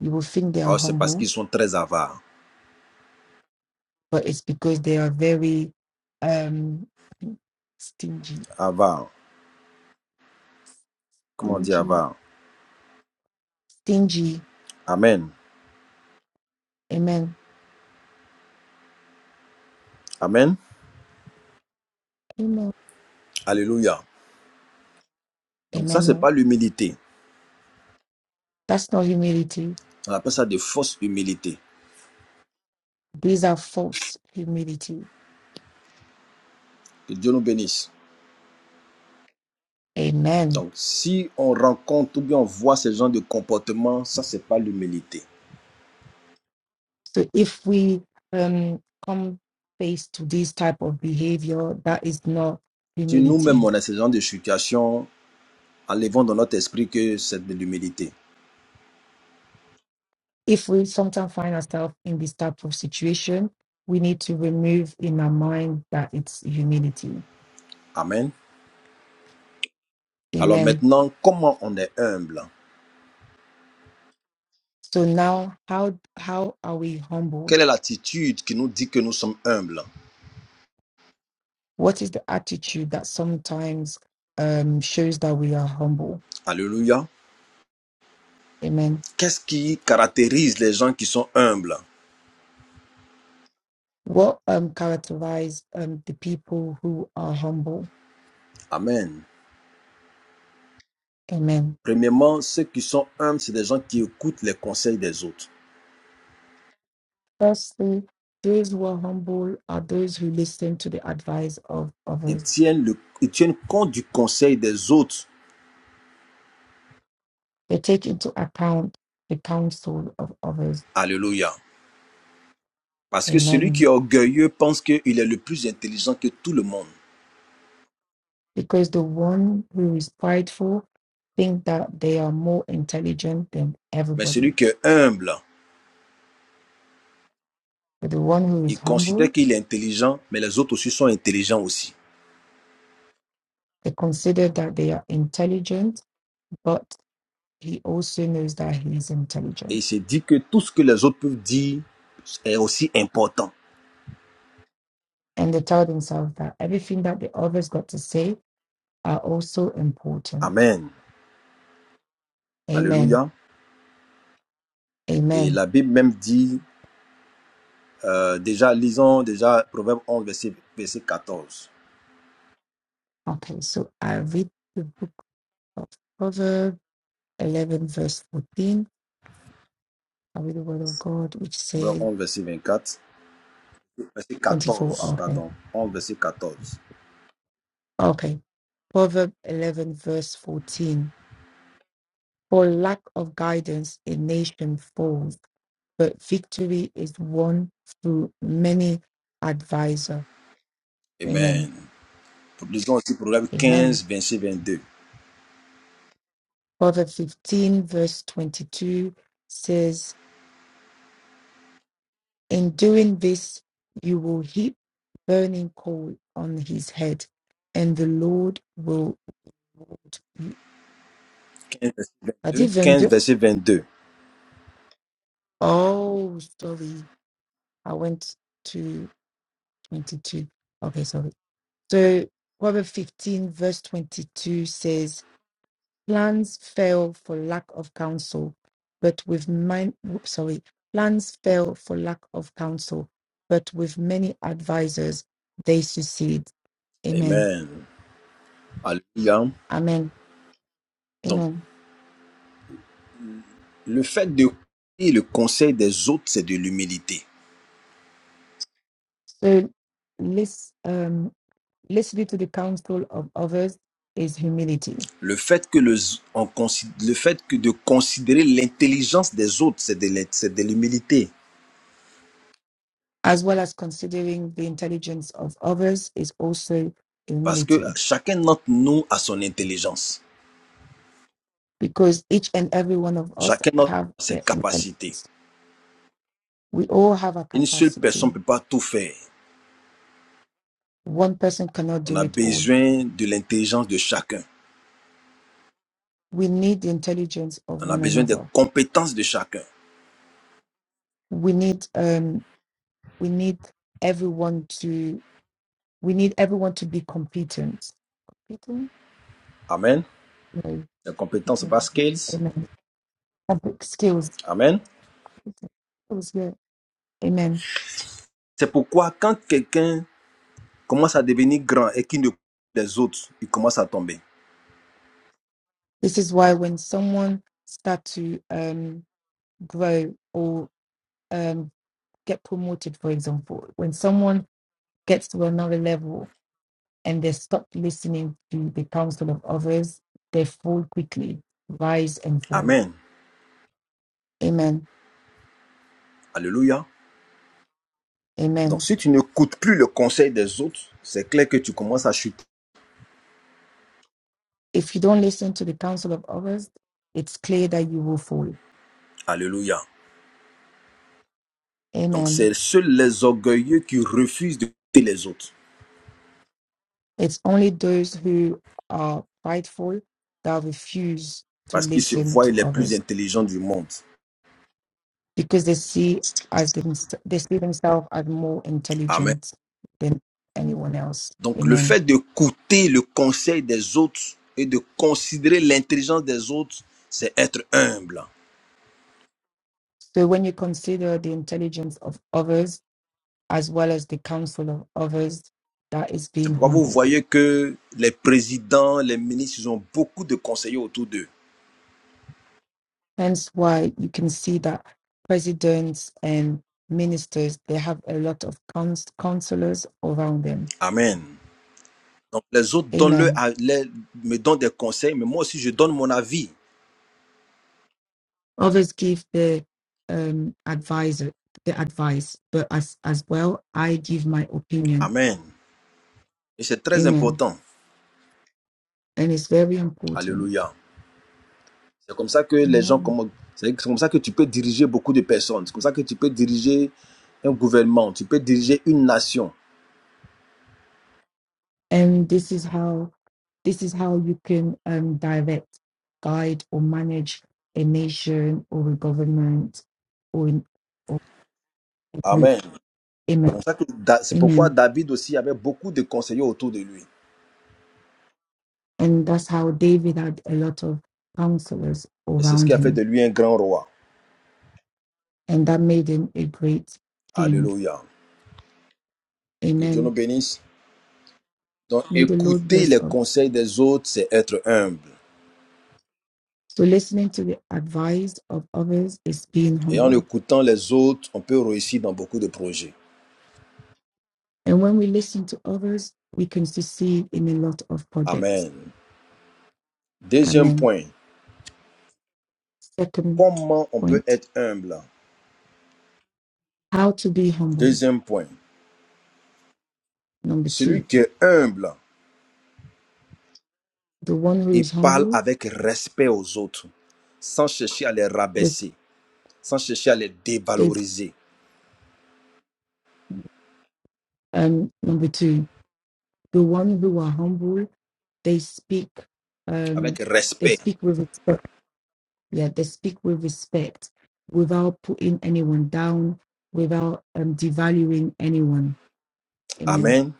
Speaker 2: you will think they are
Speaker 1: Oh, c'est parce
Speaker 2: humble,
Speaker 1: qu'ils sont très avares.
Speaker 2: but it's because they are very um, stingy,
Speaker 1: Avares. Comment on dit
Speaker 2: stingy,
Speaker 1: avare?
Speaker 2: stingy.
Speaker 1: Amen.
Speaker 2: Amen.
Speaker 1: Amen.
Speaker 2: Amen.
Speaker 1: Alléluia. Donc ça,
Speaker 2: Amen.
Speaker 1: c'est
Speaker 2: Oh,
Speaker 1: pas l'humilité.
Speaker 2: That's not humility.
Speaker 1: On appelle ça de fausse humilité.
Speaker 2: These are false humility.
Speaker 1: Que Dieu nous bénisse.
Speaker 2: Amen.
Speaker 1: Donc, si on rencontre ou bien on voit ce genre de comportement, ça, c'est pas l'humilité.
Speaker 2: So if we um, come face to this type of behavior, that is not
Speaker 1: Si nous-mêmes,
Speaker 2: humility.
Speaker 1: on a ce genre de situation, enlevons dans notre esprit que c'est de l'humilité.
Speaker 2: If we sometimes find ourselves in this type of situation, we need to remove in our mind that it's humility.
Speaker 1: Amen. Alors
Speaker 2: Amen.
Speaker 1: maintenant, comment on est humble
Speaker 2: So now, how how are we humbled?
Speaker 1: Quelle est l'attitude qui nous dit que nous sommes humbles
Speaker 2: What is the attitude that sometimes um, shows that we are humble?
Speaker 1: Alléluia.
Speaker 2: Amen.
Speaker 1: Qu'est-ce qui caractérise les gens qui sont humbles
Speaker 2: What um, characterize um, the people who are humble?
Speaker 1: Amen.
Speaker 2: Amen
Speaker 1: Premièrement, ceux qui sont humbles, c'est des gens qui écoutent les conseils des autres.
Speaker 2: Firstly, those who are humble are those who listen to the advice of
Speaker 1: Ils
Speaker 2: others.
Speaker 1: tiennent, le- ils tiennent compte du conseil des autres.
Speaker 2: They take into account the counsel of others.
Speaker 1: Alléluia. Parce que celui qui est
Speaker 2: Amen.
Speaker 1: orgueilleux pense qu'il est le plus intelligent que tout le monde.
Speaker 2: Because the one who is prideful think that they are more intelligent than
Speaker 1: Mais celui
Speaker 2: everybody.
Speaker 1: qui est humble,
Speaker 2: But the one who is
Speaker 1: il considère
Speaker 2: humble,
Speaker 1: qu'il est intelligent, mais les autres aussi sont intelligents aussi.
Speaker 2: they consider that they are intelligent, but he also knows that he is
Speaker 1: Et il
Speaker 2: intelligent.
Speaker 1: se dit que tout ce que les autres peuvent dire est aussi important.
Speaker 2: And they tell themselves that everything that the others got to say are also important.
Speaker 1: Amen.
Speaker 2: Amen.
Speaker 1: Alléluia. Et
Speaker 2: Amen.
Speaker 1: la Bible même dit, euh, déjà, lisons déjà Proverbe 11, verset, verset 14.
Speaker 2: Okay, so I read the book of Proverbs 11, verse 14. I read the word of God, which
Speaker 1: Proverbe
Speaker 2: says
Speaker 1: 11, verset 24. Verset
Speaker 2: 24.
Speaker 1: 14,
Speaker 2: Okay,
Speaker 1: pardon. 11, verset 14.
Speaker 2: okay. Proverbs 11, verse 14. For lack of guidance, a nation falls, but victory is won through many advisor. Amen.
Speaker 1: Amen. Lisons aussi Proverbe
Speaker 2: Amen.
Speaker 1: 15, verset 22.
Speaker 2: Proverbs 15, verse 22 says, In doing this, you will heap burning coal on his head, and the Lord will reward you.
Speaker 1: 15, verset
Speaker 2: I
Speaker 1: 22.
Speaker 2: did even
Speaker 1: 15,
Speaker 2: do.
Speaker 1: verset 22.
Speaker 2: Oh, sorry. I went to 22. Okay, sorry. So, Proverbs 15, verse 22 says, Plans fail for lack of counsel, but with mind, whoops, sorry, plans fail for lack of counsel, but with many advisors they succeed. Amen.
Speaker 1: Amen. Alléluia.
Speaker 2: Amen.
Speaker 1: Donc,
Speaker 2: Amen.
Speaker 1: le fait de et le conseil des autres, c'est de l'humilité.
Speaker 2: So let's um, let's lead to the counsel of others is humility,
Speaker 1: Le fait que le, on consid- le fait que de considérer l'intelligence des autres, c'est de, l'in- c'est de l'humilité.
Speaker 2: as well as considering the intelligence of others is also
Speaker 1: Parce que
Speaker 2: humility,
Speaker 1: chacun d'entre nous a son intelligence.
Speaker 2: because each and every one of us
Speaker 1: Chacun d'entre
Speaker 2: have
Speaker 1: nous a ses
Speaker 2: their intelligence.
Speaker 1: capacités.
Speaker 2: We all have a
Speaker 1: Une seule personne ne
Speaker 2: capacity.
Speaker 1: peut pas tout faire.
Speaker 2: One person cannot
Speaker 1: On
Speaker 2: do
Speaker 1: a
Speaker 2: it all.
Speaker 1: besoin de l'intelligence de chacun.
Speaker 2: We need the intelligence of
Speaker 1: On a
Speaker 2: one
Speaker 1: besoin des
Speaker 2: another.
Speaker 1: compétences de chacun.
Speaker 2: We need um, we need everyone to we need everyone to be competent. Competent?
Speaker 1: Amen.
Speaker 2: No.
Speaker 1: Les compétences, ce n'est
Speaker 2: Amen.
Speaker 1: pas skills.
Speaker 2: Amen. Fabric skills.
Speaker 1: Amen.
Speaker 2: That was good. Amen.
Speaker 1: C'est pourquoi quand quelqu'un commence à devenir grand et qu'il ne coûte des autres, il commence à tomber.
Speaker 2: This is why when someone start to um grow or um get promoted, for example, when someone gets to another level and they stop listening to the counsel of others, they fall quickly, rise and fall.
Speaker 1: Amen.
Speaker 2: Amen.
Speaker 1: Alléluia. Donc
Speaker 2: Amen.
Speaker 1: si tu n'écoutes plus le conseil des autres, c'est clair que tu commences à chuter.
Speaker 2: If you don't listen to the counsel of others, it's clear that you will fall.
Speaker 1: Alléluia. Donc
Speaker 2: Amen.
Speaker 1: c'est seuls les orgueilleux qui refusent d'écouter les autres
Speaker 2: It's only those who are prideful that refuse to
Speaker 1: parce qu'ils se
Speaker 2: listen
Speaker 1: voient
Speaker 2: to
Speaker 1: les plus
Speaker 2: others
Speaker 1: intelligents du monde.
Speaker 2: because they see as them, they see themselves as more
Speaker 1: Amen.
Speaker 2: intelligent than anyone else.
Speaker 1: Donc le
Speaker 2: Amen.
Speaker 1: fait d'écouter le conseil des autres et de considérer l'intelligence des autres, c'est être humble.
Speaker 2: So when you consider the intelligence of others as well as the counsel of others, that is
Speaker 1: C'est
Speaker 2: being
Speaker 1: pourquoi vous
Speaker 2: humble.
Speaker 1: voyez que les présidents, les ministres, ils ont beaucoup de conseillers autour d'eux.
Speaker 2: Hence why you can see that presidents and ministers they have a lot of cons- counselors around them.
Speaker 1: Amen. Donc les autres donnent -le
Speaker 2: Amen
Speaker 1: à- les- me donnent des conseils, mais moi aussi je donne mon avis.
Speaker 2: Others give the um, advisor the advice, but as as well, I give my opinion.
Speaker 1: Amen. Et c'est très
Speaker 2: Amen.
Speaker 1: important.
Speaker 2: And it's very important.
Speaker 1: Alléluia. C'est comme ça que les gens,
Speaker 2: Amen.
Speaker 1: comment- c'est c'est comme ça que tu peux diriger beaucoup de personnes. C'est comme ça que tu peux diriger un gouvernement. Tu peux diriger une nation.
Speaker 2: And this is how this is how you can um, direct, guide, or manage a nation or a government or, in, or a group.
Speaker 1: Amen. C'est
Speaker 2: Amen.
Speaker 1: comme ça que Da- c'est pourquoi
Speaker 2: Amen.
Speaker 1: David aussi avait beaucoup de conseillers autour de lui.
Speaker 2: And that's how David had a lot of counselors
Speaker 1: Et c'est ce qui
Speaker 2: around
Speaker 1: a fait
Speaker 2: him,
Speaker 1: de lui un grand roi.
Speaker 2: and that made him a great king.
Speaker 1: Alléluia. Que Dieu
Speaker 2: Amen
Speaker 1: nous bénisse. Donc,
Speaker 2: May the Lord
Speaker 1: écouter
Speaker 2: bless
Speaker 1: les
Speaker 2: us.
Speaker 1: conseils des autres, c'est être humble.
Speaker 2: So, listening to the advice of others is being
Speaker 1: Et en
Speaker 2: humble.
Speaker 1: écoutant les autres, on peut réussir dans beaucoup de projets.
Speaker 2: And when we listen to others, we can succeed in a lot of projects.
Speaker 1: Amen. Deuxième
Speaker 2: Amen.
Speaker 1: point,
Speaker 2: Second
Speaker 1: comment on peut
Speaker 2: point
Speaker 1: être humble
Speaker 2: how to be humble.
Speaker 1: Deuxième point,
Speaker 2: Number
Speaker 1: celui
Speaker 2: two,
Speaker 1: qui est humble,
Speaker 2: the one who
Speaker 1: il
Speaker 2: is
Speaker 1: parle
Speaker 2: humble,
Speaker 1: avec respect aux autres, sans chercher à les
Speaker 2: the,
Speaker 1: rabaisser, sans chercher à les
Speaker 2: they,
Speaker 1: dévaloriser,
Speaker 2: um, number two, the one who are humble, they speak, um,
Speaker 1: avec
Speaker 2: they
Speaker 1: respect.
Speaker 2: speak with respect. Yeah, they speak with respect without putting anyone down, without um, devaluing anyone Amen.
Speaker 1: Amen.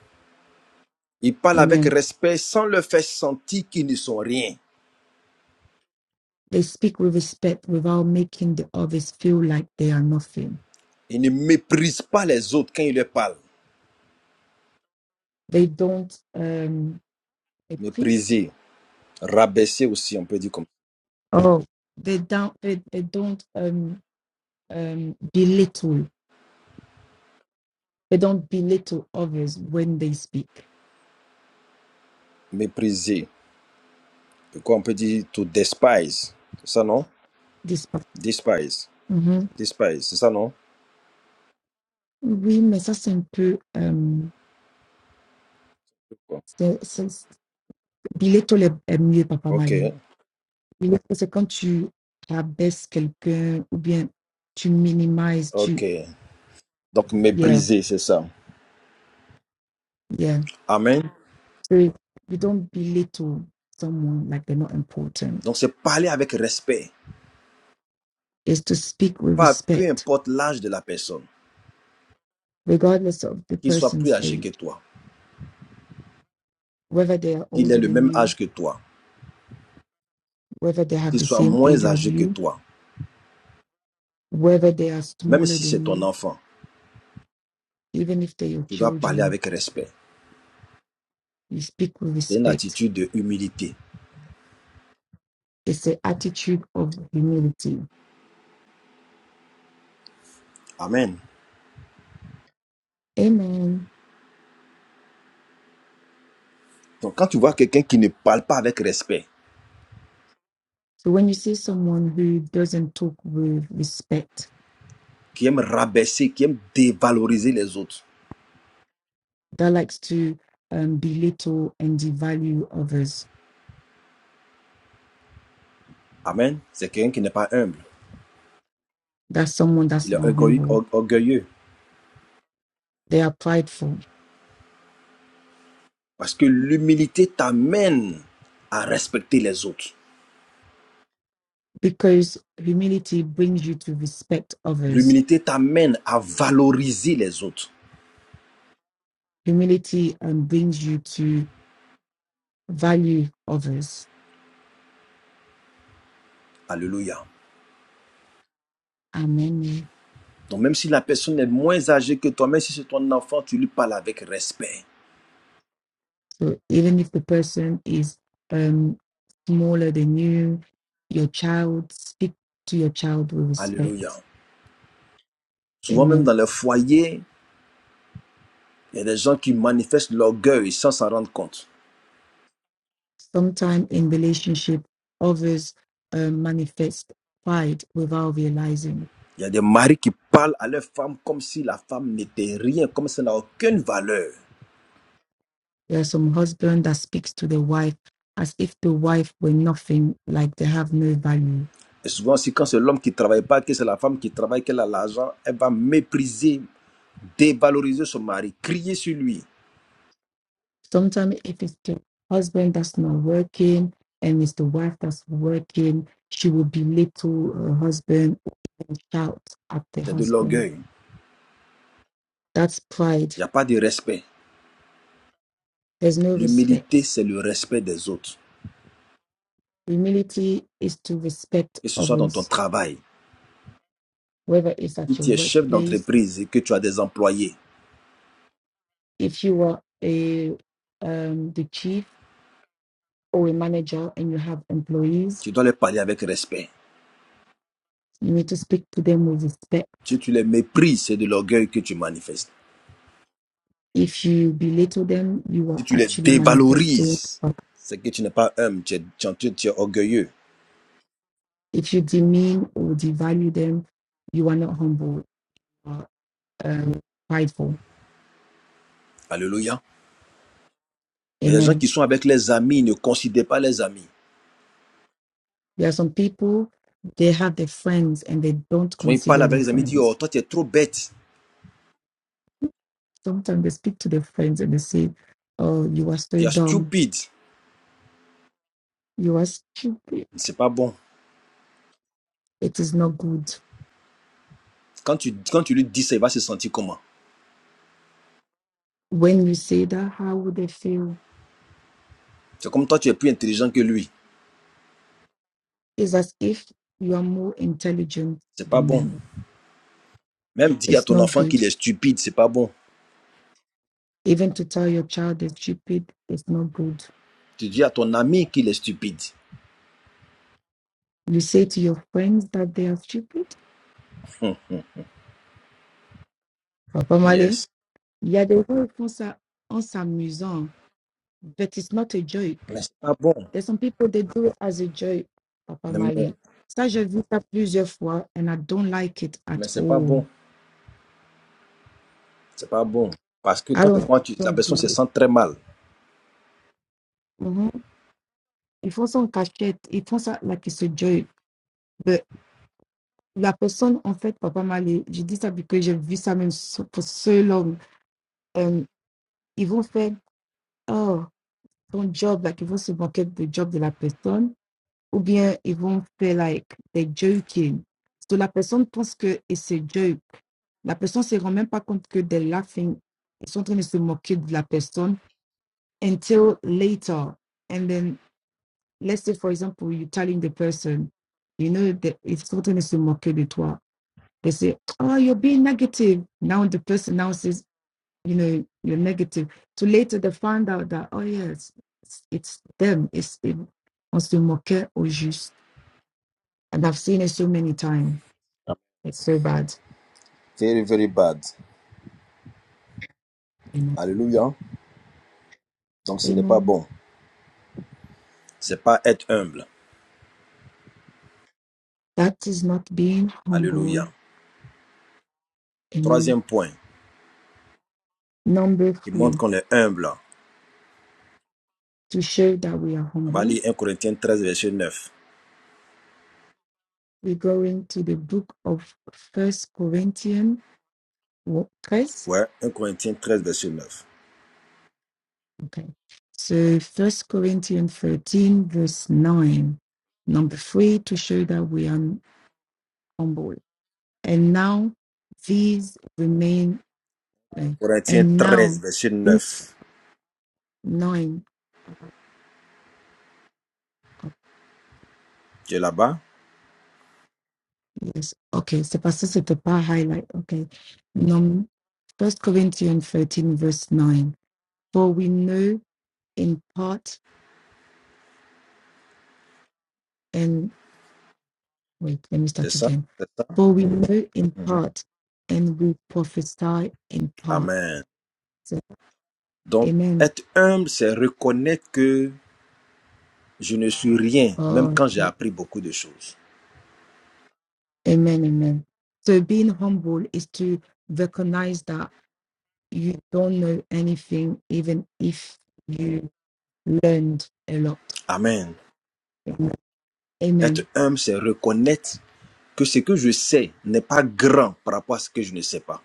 Speaker 1: Il parle avec
Speaker 2: Amen.
Speaker 1: respect sans leur faire sentir qu'ils ne sont rien.
Speaker 2: They speak with respect without making the others feel like they are nothing.
Speaker 1: Il ne méprise pas les autres quand il leur parle.
Speaker 2: They don't um méprise.
Speaker 1: Mépriser. Rabaisser aussi, on peut dire comme
Speaker 2: Oh, they don't. They, they don't um um belittle. They don't belittle others when they speak.
Speaker 1: mépriser. Et quoi, on peut dire to despise. C'est ça, non?
Speaker 2: This part.
Speaker 1: Despise.
Speaker 2: Mhm.
Speaker 1: Despise, c'est ça, non?
Speaker 2: Oui, mais ça c'est un peu euh, c'est, c'est, belittle est, est mieux, papa
Speaker 1: Ok,
Speaker 2: Malin. Belittle, c'est quand tu rabaisses quelqu'un ou bien tu minimises, tu
Speaker 1: ok. Donc,
Speaker 2: yeah.
Speaker 1: mépriser, c'est ça.
Speaker 2: Yeah.
Speaker 1: Amen.
Speaker 2: So you don't belittle someone like they're not important.
Speaker 1: Donc, c'est parler avec respect.
Speaker 2: It's to speak with
Speaker 1: Pas, peu
Speaker 2: respect,
Speaker 1: importe l'âge de la personne,
Speaker 2: regardless of the
Speaker 1: qu'il soit plus
Speaker 2: person's
Speaker 1: âgé que
Speaker 2: age,
Speaker 1: toi,
Speaker 2: whether they are
Speaker 1: qu'il ait
Speaker 2: older
Speaker 1: le
Speaker 2: than
Speaker 1: même
Speaker 2: you,
Speaker 1: âge que toi,
Speaker 2: whether they have
Speaker 1: qu'il
Speaker 2: the
Speaker 1: soit
Speaker 2: same age
Speaker 1: moins
Speaker 2: as
Speaker 1: âgé que
Speaker 2: you,
Speaker 1: toi,
Speaker 2: whether they are
Speaker 1: même
Speaker 2: smaller
Speaker 1: si c'est
Speaker 2: than
Speaker 1: ton
Speaker 2: you,
Speaker 1: enfant,
Speaker 2: even if they're your
Speaker 1: tu dois parler
Speaker 2: children,
Speaker 1: avec respect.
Speaker 2: you speak with
Speaker 1: C'est une
Speaker 2: respect.
Speaker 1: attitude de humilité.
Speaker 2: It's an attitude of humility.
Speaker 1: Amen.
Speaker 2: Amen.
Speaker 1: Donc, quand tu vois quelqu'un qui ne parle pas avec respect,
Speaker 2: So when you see someone who doesn't talk with respect,
Speaker 1: qui aime rabaisser, qui aime dévaloriser les autres.
Speaker 2: that likes to um, belittle and devalue others,
Speaker 1: Amen. C'est quelqu'un qui n'est pas humble.
Speaker 2: That's someone that's
Speaker 1: Il est
Speaker 2: not humble.
Speaker 1: orgueilleux.
Speaker 2: They are prideful
Speaker 1: Parce que l'humilité t'amène à respecter les autres.
Speaker 2: because humility brings you to respect others.
Speaker 1: L'humilité t'amène à valoriser les autres.
Speaker 2: Humility um, brings you to value others.
Speaker 1: Alléluia.
Speaker 2: Amen.
Speaker 1: Donc même si la personne est moins âgée que toi, même si c'est ton enfant, tu lui parles avec respect.
Speaker 2: So even if the person is um, smaller than you, your child, speak to your child with
Speaker 1: Alléluia.
Speaker 2: respect.
Speaker 1: Souvent même
Speaker 2: Amen.
Speaker 1: dans le foyer, il y a des gens qui manifestent l'orgueil sans s'en rendre compte.
Speaker 2: Sometimes in relationship, others um, manifest pride without realizing
Speaker 1: Il y a des maris qui parlent à leur femme comme si la femme n'était rien, comme si elle n'a aucune valeur.
Speaker 2: There are some husband that speaks to the wife as if the wife were nothing, like they have no value.
Speaker 1: Et souvent, c'est quand c'est l'homme qui ne travaille pas, que c'est la femme qui travaille, qu'elle a l'argent, elle va mépriser, dévaloriser son mari, crier sur lui.
Speaker 2: Sometimes if it's the husband that's not working and it's the wife that's working, she will belittle her husband and shout at the
Speaker 1: C'est de
Speaker 2: husband.
Speaker 1: l'orgueil.
Speaker 2: That's pride.
Speaker 1: Il n'y a pas de respect.
Speaker 2: There's no
Speaker 1: L'humilité,
Speaker 2: respect.
Speaker 1: c'est le respect des autres,
Speaker 2: Humility is to respect
Speaker 1: que ce soit dans ton
Speaker 2: others,
Speaker 1: travail.
Speaker 2: whether it's
Speaker 1: Si
Speaker 2: at your
Speaker 1: tu es chef
Speaker 2: workplace,
Speaker 1: d'entreprise et que tu as des employés,
Speaker 2: if you are a um, the chief or a manager and you have employees
Speaker 1: tu dois les parler avec respect.
Speaker 2: You need to speak to them with
Speaker 1: Si
Speaker 2: respect.
Speaker 1: tu les méprises, c'est de l'orgueil que tu manifestes.
Speaker 2: If you belittle them, you
Speaker 1: Si
Speaker 2: are
Speaker 1: tu les
Speaker 2: actually manifesting.
Speaker 1: dévalorises,
Speaker 2: up.
Speaker 1: c'est que tu n'es pas humble, tu es, tu es tu es orgueilleux.
Speaker 2: If you demean or devalue them, you are not humble, you are um, prideful.
Speaker 1: Alléluia. Il y a des gens qui
Speaker 2: Amen.
Speaker 1: sont avec les amis, ils ne considèrent pas les amis.
Speaker 2: There are some people, they have their friends and they don't
Speaker 1: Souvent, il parle
Speaker 2: consider
Speaker 1: avec
Speaker 2: their
Speaker 1: les amis, il dit, oh,
Speaker 2: friends.
Speaker 1: toi, tu es trop bête,
Speaker 2: Sometimes they speak to their friends and they say, Oh, you are so
Speaker 1: tu es
Speaker 2: dumb.
Speaker 1: stupide.
Speaker 2: You are stupid.
Speaker 1: C'est pas bon.
Speaker 2: It is not good.
Speaker 1: Quand tu, quand tu lui dis ça, il va se sentir comment
Speaker 2: When you say that, how would they feel?
Speaker 1: C'est comme toi, tu es plus intelligent que lui.
Speaker 2: It's as if you are more intelligent
Speaker 1: C'est pas
Speaker 2: than
Speaker 1: bon.
Speaker 2: them
Speaker 1: Même dire à
Speaker 2: It's
Speaker 1: ton
Speaker 2: not
Speaker 1: enfant
Speaker 2: good.
Speaker 1: qu'il est stupide, c'est pas bon.
Speaker 2: Even to tell your child they're stupid, it's not good.
Speaker 1: Tu dis à ton ami qu'il est stupide.
Speaker 2: You say to your friends that they are stupid.
Speaker 1: Hum,
Speaker 2: Papa Male,
Speaker 1: yes.
Speaker 2: il y a des gens qui font ça en s'amusant, but it's not a joke.
Speaker 1: Mais c'est pas bon.
Speaker 2: There's some people they do it as a joke, Papa
Speaker 1: Mais,
Speaker 2: Male. Ça, j'ai vu ça plusieurs fois, and I don't like it at
Speaker 1: mais c'est pas
Speaker 2: all.
Speaker 1: bon. C'est pas bon. Parce que
Speaker 2: I
Speaker 1: quand,
Speaker 2: don't,
Speaker 1: quand tu, la
Speaker 2: don't
Speaker 1: personne
Speaker 2: do
Speaker 1: se
Speaker 2: it.
Speaker 1: sent très mal.
Speaker 2: Mhm. Ils font ça en cachette, ils font ça like it's a joke. But la personne, en fait, Papa Male, je dis ça parce que j'ai vu ça même so- for so long. Um, ils vont faire oh ton job like ils vont se moquer du job de la personne ou bien ils vont faire like des joking so la personne pense que et c'est joke la personne se rend même pas compte que they're laughing ils sont en train de se moquer de la personne until later and then let's say for example you're telling the person you know that ils sont en train de se moquer de toi they say oh you're being negative now the person now says you know you're negative so later they found out that oh yes it's, it's them it's it on se moquait au juste and i've seen it so many times it's so bad
Speaker 1: Very, very bad.
Speaker 2: amen
Speaker 1: Alléluia. Donc ce n'est pas
Speaker 2: amen
Speaker 1: bon. C'est pas être humble.
Speaker 2: that is not being humble
Speaker 1: Alléluia.
Speaker 2: amen
Speaker 1: Troisième point.
Speaker 2: number
Speaker 1: Il montre
Speaker 2: three
Speaker 1: qu'on est humble.
Speaker 2: to show that we are
Speaker 1: On va
Speaker 2: humble
Speaker 1: lire 1 Corinthiens 13, verset neuf.
Speaker 2: we're going to the book of first corinthians
Speaker 1: Ouais, un Corinthiens 13 verset 9.
Speaker 2: okay so first corinthians 13 verse 9 number three to show that we are humble and now these remain eh,
Speaker 1: Corinthiens
Speaker 2: and
Speaker 1: 13
Speaker 2: now
Speaker 1: verset
Speaker 2: these
Speaker 1: 9.
Speaker 2: nine oh,
Speaker 1: Tu es là-bas
Speaker 2: yes okay so pastor said the power highlight okay num first corinthians 13 verse 9 for we know in part and wait let me
Speaker 1: C'est
Speaker 2: start
Speaker 1: ça
Speaker 2: again
Speaker 1: C'est ça
Speaker 2: for we
Speaker 1: Mhm.
Speaker 2: know in
Speaker 1: Mhm.
Speaker 2: part and we prophesy in part
Speaker 1: Amen.
Speaker 2: so,
Speaker 1: Donc,
Speaker 2: amen
Speaker 1: être humble, c'est reconnaître que je ne suis rien, même
Speaker 2: oh,
Speaker 1: quand j'ai appris beaucoup de choses.
Speaker 2: amen amen so being humble is to recognize that you don't know anything, even if you learned a lot.
Speaker 1: Amen. Être
Speaker 2: Amen.
Speaker 1: humble, c'est reconnaître que ce que je sais n'est pas grand par rapport à ce que je ne sais pas.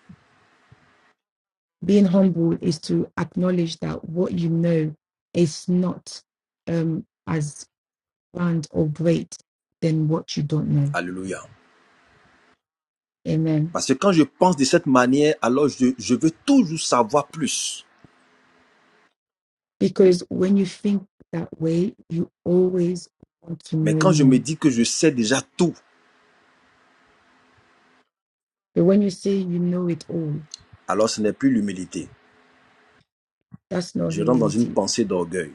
Speaker 2: Being humble is to acknowledge that what you know is not um, as grand or great than what you don't know.
Speaker 1: Alléluia.
Speaker 2: Amen.
Speaker 1: Parce que quand je pense de cette manière, alors je, je veux toujours savoir plus.
Speaker 2: Because when you think that way, you always want to
Speaker 1: Mais
Speaker 2: know
Speaker 1: quand je me
Speaker 2: more.
Speaker 1: dis que je sais déjà tout,
Speaker 2: But when you say you know it all,
Speaker 1: Alors ce n'est plus l'humilité.
Speaker 2: that's not
Speaker 1: Je rentre dans une
Speaker 2: humility.
Speaker 1: pensée d'orgueil.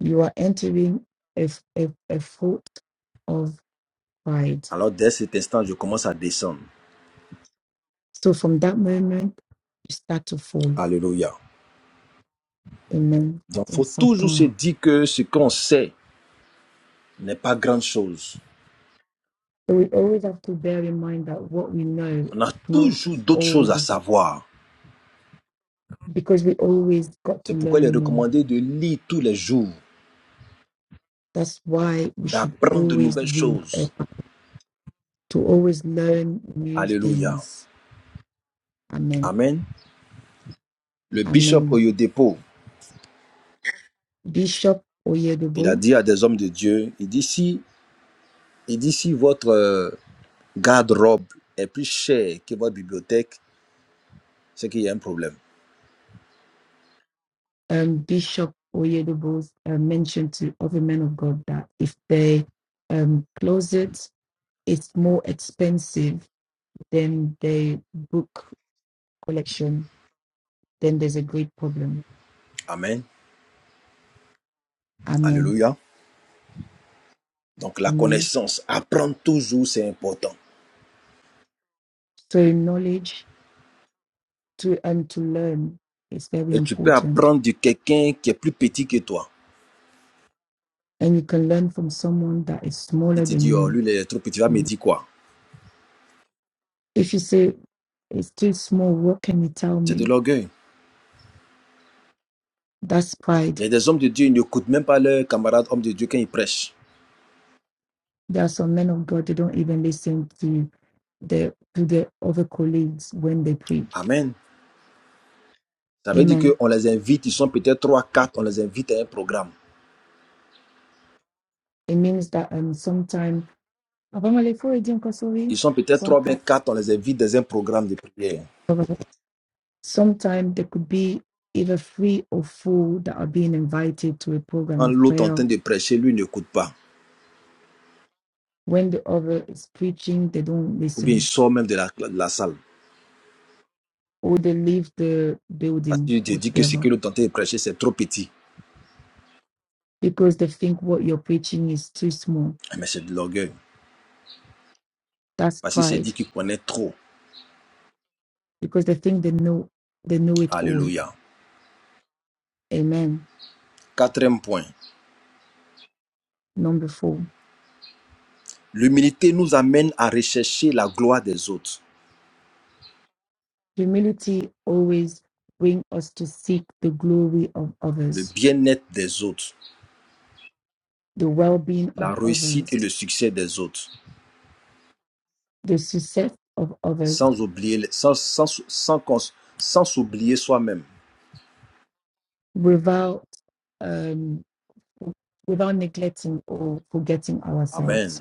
Speaker 2: You are entering a, a, a fault of pride
Speaker 1: Alors dès cet instant, je commence à descendre.
Speaker 2: So from that moment, you start to fall.
Speaker 1: Alléluia.
Speaker 2: Amen.
Speaker 1: Donc il
Speaker 2: In
Speaker 1: faut toujours se
Speaker 2: Satan.
Speaker 1: dire que ce qu'on sait n'est pas grande chose.
Speaker 2: So we always have to bear in mind that what we know,
Speaker 1: On a
Speaker 2: not
Speaker 1: toujours d'autres choses à
Speaker 2: always,
Speaker 1: savoir.
Speaker 2: because we always got
Speaker 1: C'est
Speaker 2: to
Speaker 1: pourquoi il est
Speaker 2: learn more.
Speaker 1: recommandé de lire tous les jours,
Speaker 2: That's why we should
Speaker 1: d'apprendre de
Speaker 2: always
Speaker 1: nouvelles
Speaker 2: read, eh,
Speaker 1: choses.
Speaker 2: to always learn new
Speaker 1: Alléluia.
Speaker 2: things. Amen.
Speaker 1: Amen. Le bishop
Speaker 2: Amen.
Speaker 1: Oyodepo,
Speaker 2: Bishop
Speaker 1: il a
Speaker 2: Oyedobo,
Speaker 1: dit à des hommes de Dieu, il dit si, il dit si votre euh, garde-robe est plus chère que votre bibliothèque, c'est qu'il y a un problème.
Speaker 2: um, Bishop Oyedobo uh, mentioned to every man of God that if they um, close it, it's more expensive then the book collection, then there's a great problem.
Speaker 1: Amen.
Speaker 2: Amen.
Speaker 1: Alléluia. Donc la
Speaker 2: Amen.
Speaker 1: connaissance, apprendre toujours, c'est important.
Speaker 2: So in knowledge to and to learn is very
Speaker 1: Et tu peux
Speaker 2: important.
Speaker 1: apprendre de quelqu'un qui est plus petit que toi.
Speaker 2: And you can learn from someone that is
Speaker 1: Si
Speaker 2: smaller
Speaker 1: tu dis,
Speaker 2: than
Speaker 1: oh,
Speaker 2: you.
Speaker 1: lui, il est trop petit, il va me
Speaker 2: Mm.
Speaker 1: dire quoi
Speaker 2: If you say it's too small, what can you tell
Speaker 1: C'est de
Speaker 2: me?
Speaker 1: l'orgueil.
Speaker 2: That's pride.
Speaker 1: Il y a des hommes de Dieu, ils n'écoutent même pas leurs camarades hommes de Dieu quand ils prêchent.
Speaker 2: There are some men of God they don't even listen to the to the other colleagues when they preach.
Speaker 1: Amen. Ça veut dire
Speaker 2: Amen.
Speaker 1: qu'on les invite, ils sont peut-être trois, quatre, on les invite à un programme.
Speaker 2: It means that um sometimes
Speaker 1: Ils sont peut-être trois, bien quatre, on les invite dans un programme de prière.
Speaker 2: Sometimes there could be either free or full that are being invited to a program
Speaker 1: Quand
Speaker 2: of
Speaker 1: l'autre est en train
Speaker 2: prayer.
Speaker 1: de prêcher, lui il n'écoute pas.
Speaker 2: When the other is preaching, they don't
Speaker 1: Ou bien il
Speaker 2: listen
Speaker 1: sort même de la, de la salle.
Speaker 2: or they leave the
Speaker 1: Parce
Speaker 2: building
Speaker 1: qu'il te dit que ce que
Speaker 2: altogether
Speaker 1: l'autre est en train de prêcher, c'est trop petit.
Speaker 2: because they think what you're preaching is too small.
Speaker 1: Mais c'est de l'orgueil.
Speaker 2: That's
Speaker 1: Parce qu'il s'est dit
Speaker 2: pride
Speaker 1: qu'il connaît trop.
Speaker 2: because they think they know they know it all.
Speaker 1: Alléluia.
Speaker 2: Amen.
Speaker 1: Quatrième point.
Speaker 2: Number four,
Speaker 1: L'humilité nous amène à rechercher la gloire des autres,
Speaker 2: humility always bring us to seek the glory of
Speaker 1: le
Speaker 2: others,
Speaker 1: bien-être des autres,
Speaker 2: the well-being
Speaker 1: la
Speaker 2: of
Speaker 1: réussite
Speaker 2: others,
Speaker 1: et le succès des autres,
Speaker 2: the success of others
Speaker 1: sans oublier, sans, sans, sans, cons- sans s'oublier soi-même.
Speaker 2: without um without neglecting or forgetting
Speaker 1: Amen.
Speaker 2: ourselves.